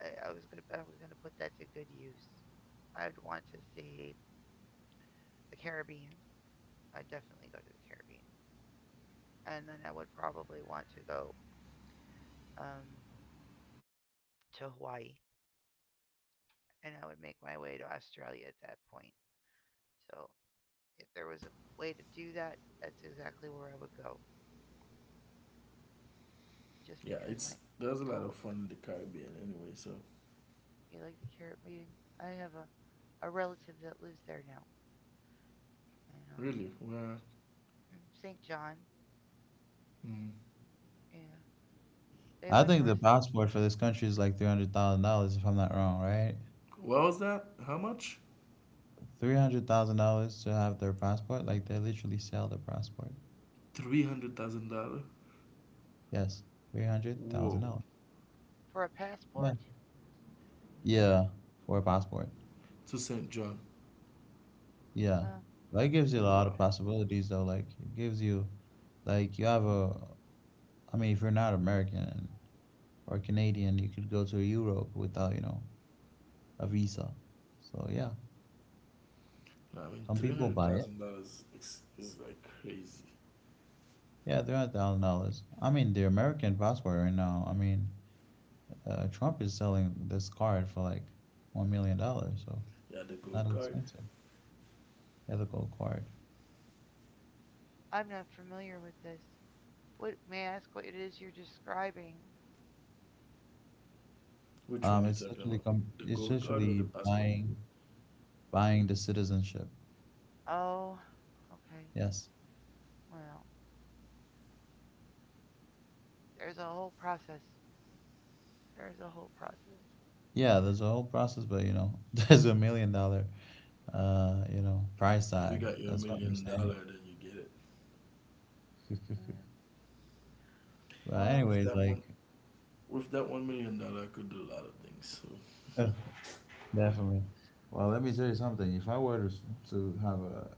S1: I was gonna put that to good use. I would want to see the Caribbean. I'd definitely go to the Caribbean, and then I would probably want to go um, to Hawaii, and I would make my way to Australia at that point. So if there was a way to do that, that's exactly where I would go. Just
S3: Yeah,
S1: because my
S3: it's there's a lot of
S1: goal,
S3: fun in the Caribbean anyway, so.
S1: you like the Caribbean? I have a relative that lives there now. And
S3: Really? Where?
S1: St. John.
S3: Mm.
S1: Yeah, they
S2: I
S1: went
S2: think
S1: for a,
S2: the
S1: s-
S2: passport for this country is like $300,000 if I'm not wrong, right?
S3: What was that? How much?
S2: $300,000 to have their passport, like they literally sell their passport.
S3: $300,000.
S2: Yes, three hundred thousand
S3: Whoa.
S2: dollars.
S1: for a
S2: Yeah.
S1: passport.
S2: Yeah, for a passport.
S3: To St. John.
S2: Yeah,
S1: Uh,
S2: but it gives you a lot of
S3: Wow.
S2: possibilities though. Like it gives you like you have a, I mean, if you're not American and, or Canadian, you could go to Europe without a visa. So yeah,
S3: No, I mean
S2: some
S3: three
S2: people
S3: hundred
S2: buy it.
S3: thousand dollars is like crazy.
S2: Yeah, $300,000. I mean, the American passport right now. I mean, Trump is selling this card for like $1 million. So
S3: Yeah, the
S2: it's not
S3: gold card.
S2: expensive. Ethical card.
S1: I'm not familiar with this. What may I ask? What it is you're describing?
S3: Which one you
S2: It's
S3: talking
S2: literally
S3: about? The
S2: it's
S3: gold card or the
S2: literally
S3: passport?
S2: buying the citizenship.
S1: Oh, okay.
S2: Yes.
S1: Well, there's a whole process. There's a whole process.
S2: Yeah, there's a whole process, but you know, there's $1 million, price
S3: If you
S2: tag.
S3: got your
S2: That's what I'm
S3: million
S2: saying.
S3: dollar, then you get it.
S1: Mm,
S2: But
S1: well,
S3: With
S2: anyways,
S3: that
S2: like,
S3: one, with that $1 million, I could do a lot of things. So
S2: definitely. Well, let me tell you something. If I were to have a,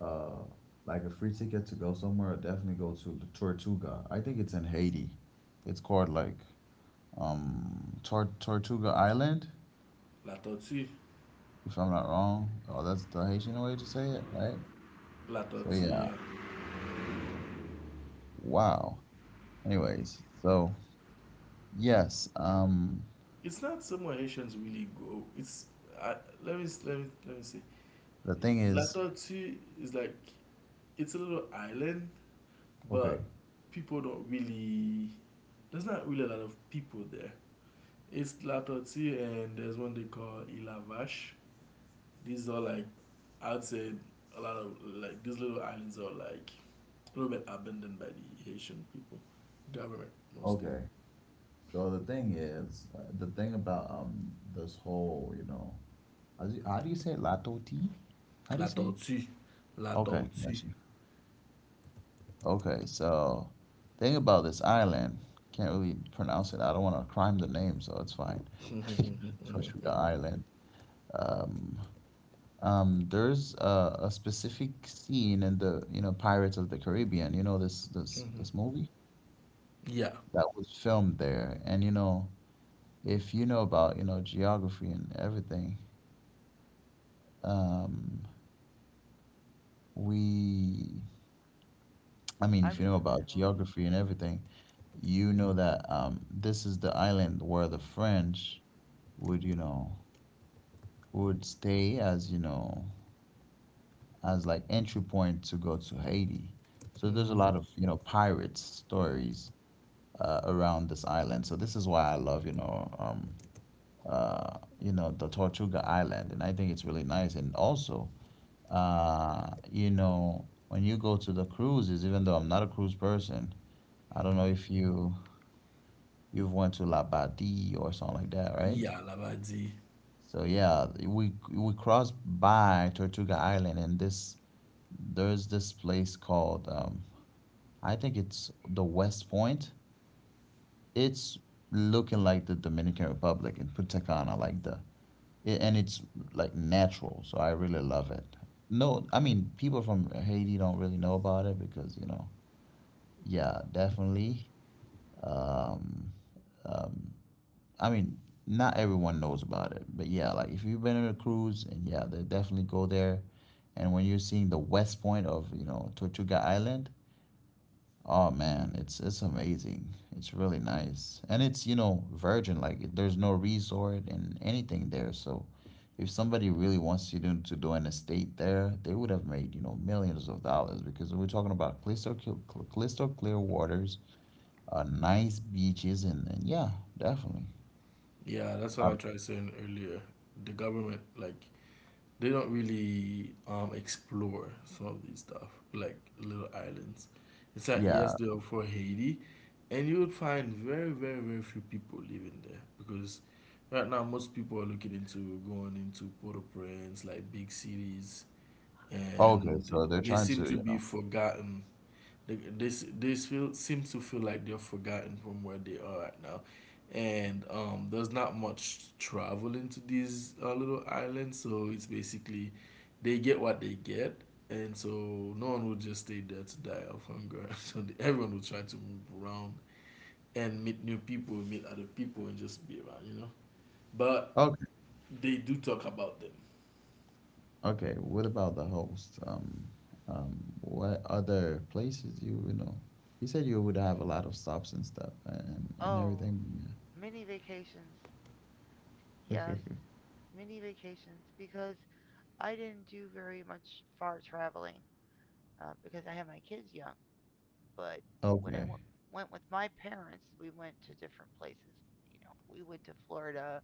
S2: a, a like a free ticket to go somewhere, I'd definitely go to the Tortuga. I think it's in Haiti. It's called like Tortuga Island,
S3: La Tortue,
S2: if I'm not wrong. Oh, that's the Haitian way to say it, right?
S3: La
S2: So yeah.
S3: Tortue. Yeah.
S2: Wow. Anyways, so yes.
S3: It's not somewhere Haitians really go. I, let me say
S2: The thing is,
S3: Latouti is like it's a little island,
S2: okay,
S3: but people don't really. There's not really a lot of people there. It's Latouti and there's one they call Ilavash. These are like I'd say a lot of like these little islands are like a little bit abandoned by the Haitian people, government mostly.
S2: okay. So the thing is, the thing about this whole, how do you say it? Lato tea? How do you say it?
S3: Latouti,
S2: Okay,
S3: Latouti.
S2: gotcha. Okay, so thing about this island, can't really pronounce it. I don't want to crime the name, so it's fine. Tortuga Island. Um, there's a specific scene in the, Pirates of the Caribbean. You know this this
S3: Mhm.
S2: this movie?
S3: Yeah,
S2: That was filmed there. And if you know about, geography and everything, um, we, I mean,
S1: I
S2: if you know
S1: remember
S2: about
S1: the movie.
S2: geography and everything, you know that this is the island where the French would, you know, would stay as, as like entry point to go to Haiti. So there's a
S3: mhm,
S2: lot of, pirates stories around this island. So this is why I love, the Tortuga Island, and I think it's really nice. And also, when you go to the cruises, even though I'm not a cruise person, I don't know if you've went to La Labadie or something like that, right?
S3: yeah, Lavadi.
S2: So yeah, we crossed by Tortuga Island, and this there's this place called I think it's the West Point. It's looking like the Dominican Republic in Punta Cana, like the, yeah, and it's like natural, so I really love it. No, I mean people from Haiti don't really know about it because yeah, definitely. Um, um, I mean, not everyone knows about it, but yeah, like if you've been on a cruise, and yeah, they definitely go there. And when you're seeing the west point of Tortuga Island, oh man, it's amazing. It's really nice. And it's, virgin, like there's no resort and anything there. So if somebody really wants you to do an estate there, they would have made, millions of dollars because we're talking about crystal, crystal clear waters, nice beaches, and yeah, definitely.
S3: Yeah, that's what I
S2: Um,
S3: tried saying earlier. The government, like, they don't really explore some of these stuff, like little islands. It's like yes,
S2: yeah.
S3: they are for Haiti, and you would find very, very, very few people living there because right now most people are looking into going into Port-au-Prince, like big cities,
S2: Okay,
S3: and
S2: so they're
S3: they
S2: trying
S3: seem
S2: to,
S3: to be forgotten. They, they, s- they feel seems to feel like they're forgotten from where they are right now, and there's not much travel into these little islands, so it's basically they get what they get, and so no one will just stay there to die of hunger. So everyone will try to move around and meet new people, meet other people, and just be around, you know. But
S2: okay.
S3: they do talk about them.
S2: Okay, what about the host? What other places you know? You said you would have a lot of stops and stuff and
S1: Oh,
S2: everything.
S1: mini vacations.
S2: Yeah.
S1: Yes, mini vacations because I didn't do very much far traveling because I had my kids young. But when
S2: Okay.
S1: went with my parents, we went to different places. You know, we went to Florida.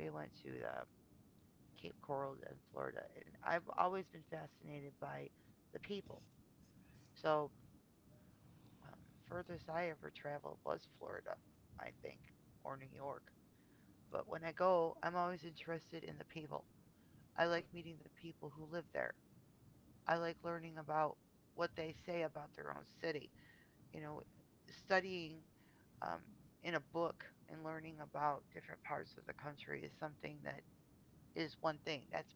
S1: We went to the Cape Coral in Florida, and I've always been fascinated by the people. So the furthest I ever traveled was Florida, I think, or New York. But when I go, I'm always interested in the people. I like meeting the people who live there. I like learning about what they say about their own city. You know, studying um, in a book and learning about different parts of the country is something that, is one thing.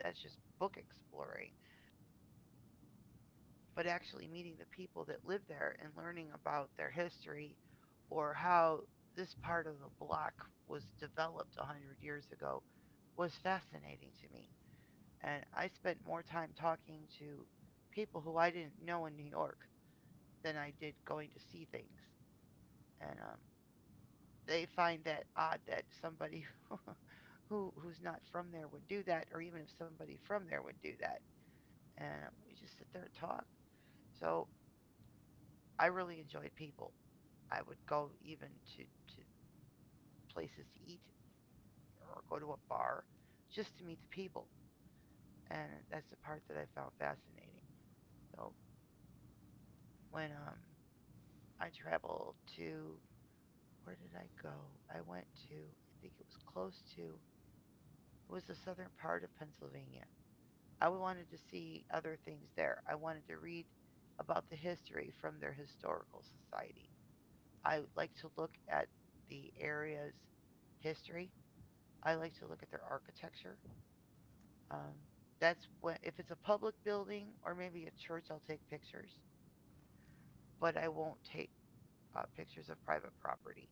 S1: That's just book exploring. But actually meeting the people that live there and learning about their history or how this part of the block was developed a 100 years ago was fascinating to me. And I spent more time talking to people who I didn't know in New York than I did going to see things. And they find that odd that somebody who's not from there would do that, or even if somebody from there would do that. And we just sit there and talk. So I really enjoyed people. I would go even to places to eat or go to a bar just to meet the people, and that's the part that I found fascinating. So when I traveled to, where did I go? I went to, I think it was close to, it was the southern part of Pennsylvania. I wanted to see other things there. I wanted to read about the history from their historical society. I like to look at the area's history. I like to look at their architecture. Um, that's when, if it's a public building or maybe a church, I'll take pictures, but I won't take pictures of private property.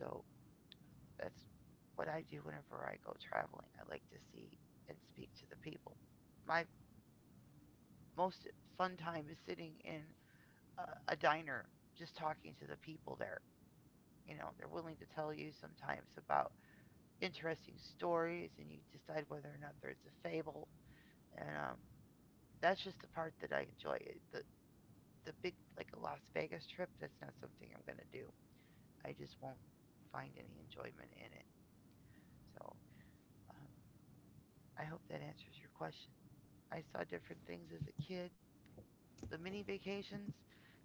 S1: So that's what I do whenever I go traveling. I like to see and speak to the people. My most fun time is sitting in a diner, just talking to the people there. You know, they're willing to tell you sometimes about interesting stories, and you decide whether or not there's a fable. And That's just the part that I enjoy. The the big, like a Las Vegas trip, that's not something I'm gonna do. I just won't find any enjoyment in it. So um, I hope that answers your question. I saw different things as a kid. The mini vacations,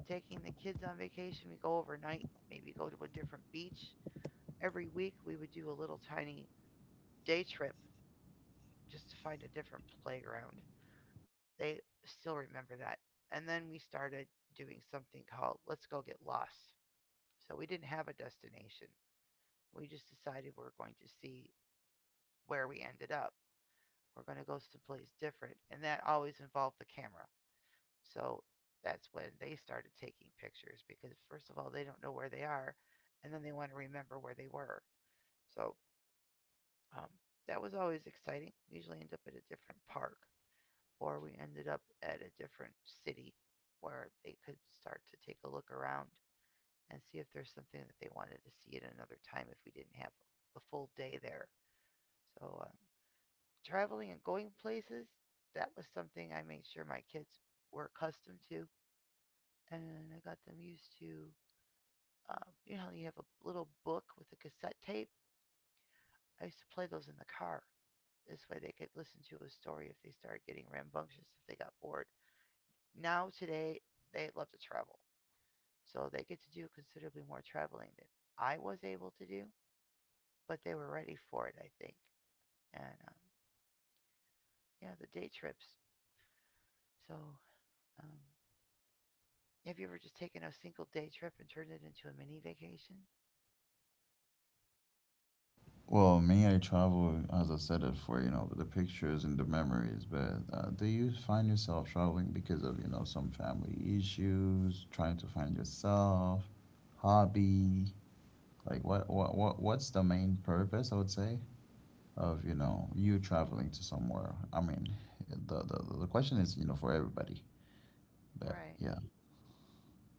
S1: taking the kids on vacation, we go overnight, maybe go to a different beach. Every week we would do a little tiny day trip just to find a different playground. They still remember that. And then we started doing something called Let's Go Get Lost. So we didn't have a destination. We just decided we're going to see where we ended up. We're going to go someplace different. And that always involved the camera. So that's when they started taking pictures because, first of all, they don't know where they are. And then they want to remember where they were. So Um, that was always exciting. We usually end up at a different park, or we ended up at a different city where they could start to take a look around and see if there's something that they wanted to see at another time if we didn't have the full day there. So, traveling and going places, that was something I made sure my kids were accustomed to, and I got them used to. You know, you have a little book with a cassette tape. I used to play those in the car. This way they could listen to a story if they started getting rambunctious, if they got bored. Now, today, they love to travel. So they get to do considerably more traveling than I was able to do, but they were ready for it, I think. And Yeah, the day trips. So, um, have you ever just taken a single day trip and turned it into a mini vacation?
S2: Well, me, I travel as I said it for the pictures and the memories. But do you find yourself traveling because of some family issues, trying to find yourself, hobby? Like what's the main purpose? I would say of you traveling to somewhere. I mean, the question is for everybody, but
S1: Right.
S2: yeah,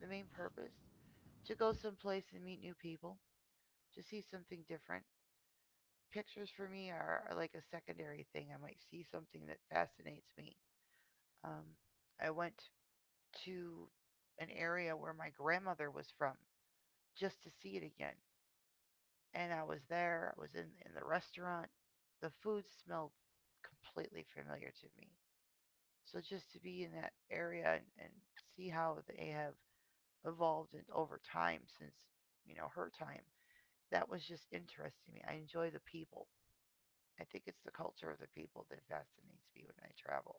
S1: The main purpose? To go someplace and meet new people, to see something different. Pictures for me are like a secondary thing. I might see something that fascinates me. Um, I went to an area where my grandmother was from just to see it again. And I was there, I was in the restaurant. The food smelled completely familiar to me. So just to be in that area and see how they have evolved and over time since, you know, her time, that was just interesting to me. I enjoy the people. I think it's the culture of the people that fascinates me when I travel.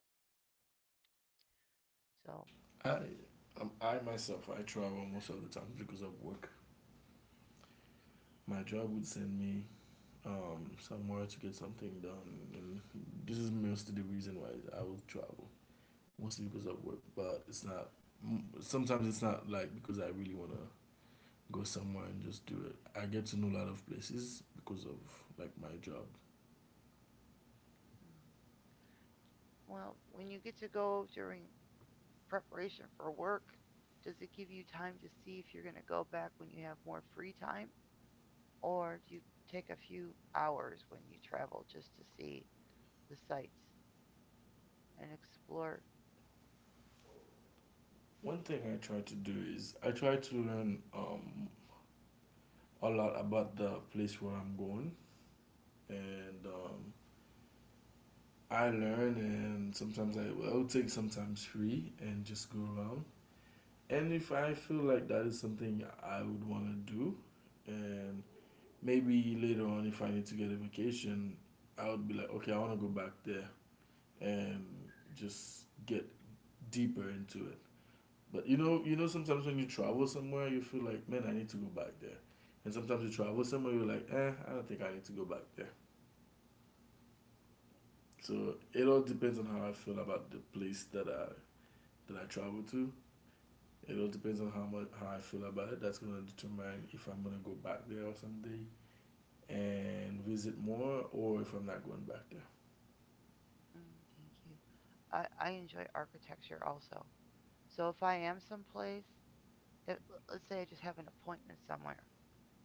S1: So,
S3: I, I myself, I travel most of the time because of work. My job would send me somewhere to get something done. And this is mostly the reason why I will travel, mostly because of work. But it's not. Sometimes it's not like because I really wanna go somewhere and just do it. I get to know a lot of places because of like my job.
S1: mm, well, when you get to go during preparation for work? Does it give you time to see if you're going to go back when you have more free time? Or do you take a few hours when you travel just to see the sights and explore?
S3: One thing I try to do is I try to learn a lot about the place where I'm going, and I learn. And sometimes I will take sometimes free and just go around. And if I feel like that is something I would want to do, and maybe later on, if I need to get a vacation, I would be like, okay, I want to go back there and just get deeper into it. But you know, sometimes when you travel somewhere, you feel like, man, I need to go back there. And sometimes you travel somewhere, you're like, eh, I don't think I need to go back there. So it all depends on how I feel about the place that I travel to. It all depends on how much how I feel about it. That's gonna determine if I'm gonna go back there or someday and visit more, or if I'm not going back there.
S1: Mm, thank you. I enjoy architecture also. So if I am someplace, if, let's say I just have an appointment somewhere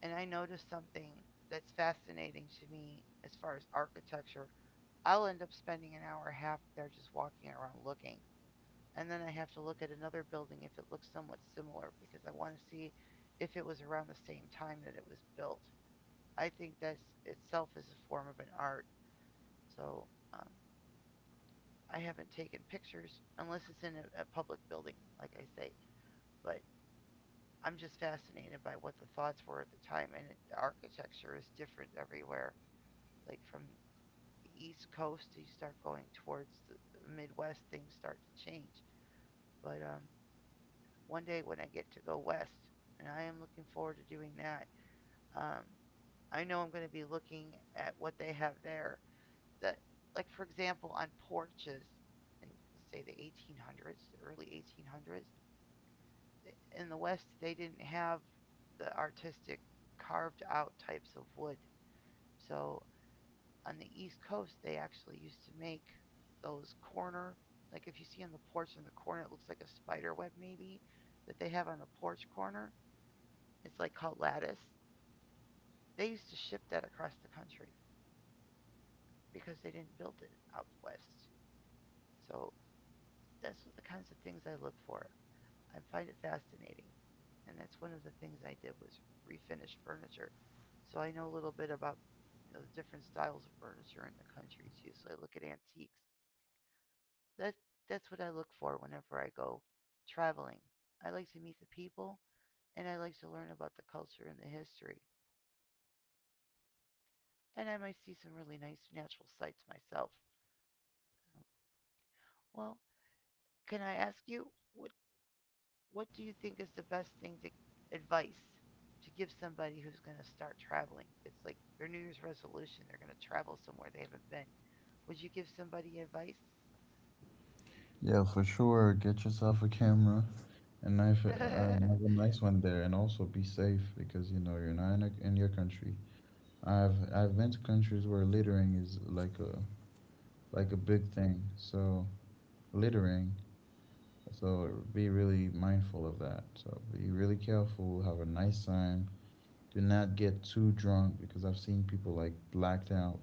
S1: and I notice something that's fascinating to me as far as architecture, I'll end up spending an hour and a half there just walking around looking. And then I have to look at another building if it looks somewhat similar because I want to see if it was around the same time that it was built. I think that itself is a form of an art. So um, I haven't taken pictures unless it's in a public building, like I say. But I'm just fascinated by what the thoughts were at the time, and the architecture is different everywhere. Like from the East Coast, you start going towards the Midwest, things start to change. But one day when I get to go west, and I am looking forward to doing that. Um, I know I'm going to be looking at what they have there. That, like for example, on porches in say the 1800s, early 1800s in the West, they didn't have the artistic carved out types of wood. So on the East Coast, they actually used to make those corner, like if you see on the porch in the corner, it looks like a spider web maybe that they have on the porch corner. It's like called Lattice. They used to ship that across the country because they didn't build it out west. So that's the kinds of things I look for. I find it fascinating. And that's one of the things I did was refinish furniture. So I know a little bit about, you know, the different styles of furniture in the country too. So I look at antiques. That that's what I look for whenever I go traveling. I like to meet the people and I like to learn about the culture and the history. And I might see some really nice natural sights myself. So, well, can I ask you what what do you think is the best thing to advice to give somebody who's going to start traveling? It's like their New Year's resolution, they're going to travel somewhere they haven't been. Would you give somebody advice?
S2: yeah for sure. Get yourself a camera, and knife
S1: Oh,
S2: and have a nice one there, and also be safe because you're not in your country. I've been to countries where littering is like a big thing. So littering. So be really mindful of that. So be really careful. Have a nice time. Do not get too drunk because I've seen people like blacked out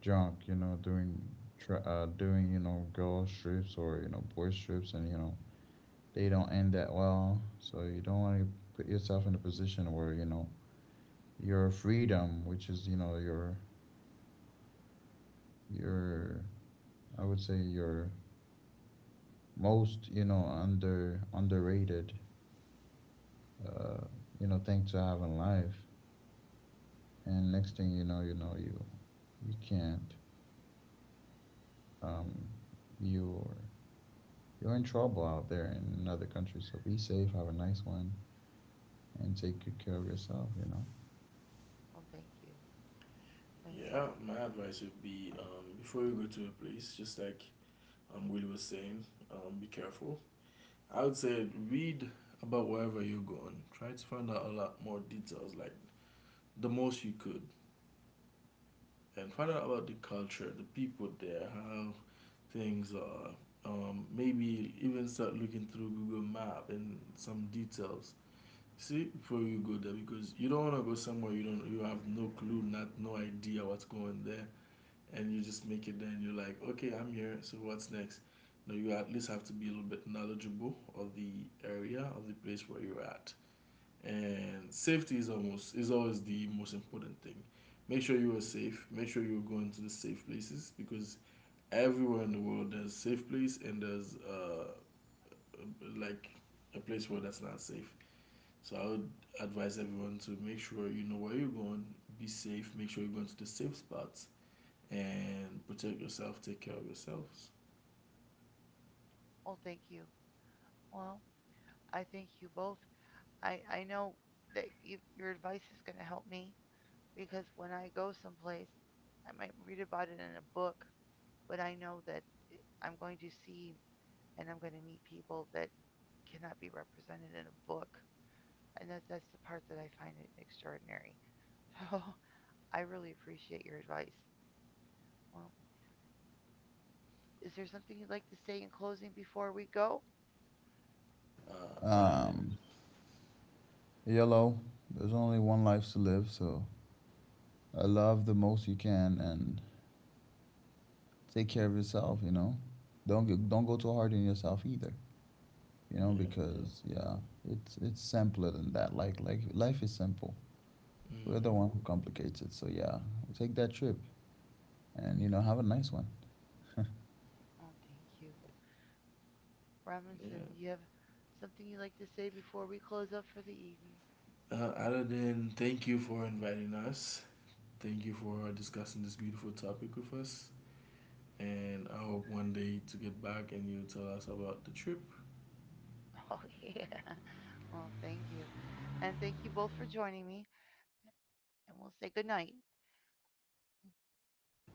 S2: junk, doing doing girl strips or boy strips, and they don't end that well. So you don't want to put yourself in a position where your freedom, which is your I would say your most underrated uh, thing to have in life, and next thing you know, you can't um, you're you're in trouble out there in another country. So be safe. Have a nice one. And take good care of yourself, you know.
S1: thank you. Uh,
S3: Yeah, my advice would be before you go to a place, just like Willie was saying, be careful. I would say read about wherever you're going. Try to find out a lot more details, like the most you could, and find
S1: mm.
S3: out about the culture, the people there, how things are. Maybe even start looking through Google Map and some details. See, before you go there, because you don't want to go somewhere you don't, you have no clue, not no idea what's going there, and you just make it there, and you're like, okay, I'm here. So what's next? No, you at least have to be a little bit knowledgeable of the area of the place where you're at, and safety is almost is always the most important thing. Make sure you are safe. Make sure you're going to the safe places because everywhere in the world there's a safe place and there's like a place where that's not safe. So I would advise everyone to make sure you know where you're going, be safe, make sure you're going to the safe spots, and protect yourself, take care of yourselves.
S1: Oh, thank you. Well, I thank you both. I know that you, your advice is going to help me because when I go someplace, I might read about it in a book, but I know that I'm going to see and I'm going to meet people that cannot be represented in a book. And that's the part that I find it extraordinary. So I really appreciate your advice. Well, is there something you'd like to say in closing before we go?
S3: Uh, other,
S2: Um, Yellow, there's only one life to live, so I love the most you can and take care of yourself, you know. Don't go too hard on yourself either,
S3: yeah, yeah,
S2: because yeah, it's simpler than that. Like life is simple. We're the
S3: hmm,
S2: one who complicates it. So yeah, take that trip and have a nice one.
S1: Oh, thank you.
S3: yeah.
S1: Robinson, do you have something you'd like to say before we close up for the evening?
S3: Other than thank you for inviting us, thank you for discussing this beautiful topic with us, and I hope one day to get back and you tell us about the trip.
S1: Oh, yeah. Well, thank you. And thank you both for joining me. And we'll say good night.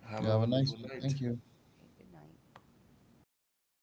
S3: Have
S2: You
S3: a
S2: have a nice
S3: wonderful
S2: one.
S3: night.
S2: Thank you.
S1: Okay, good night.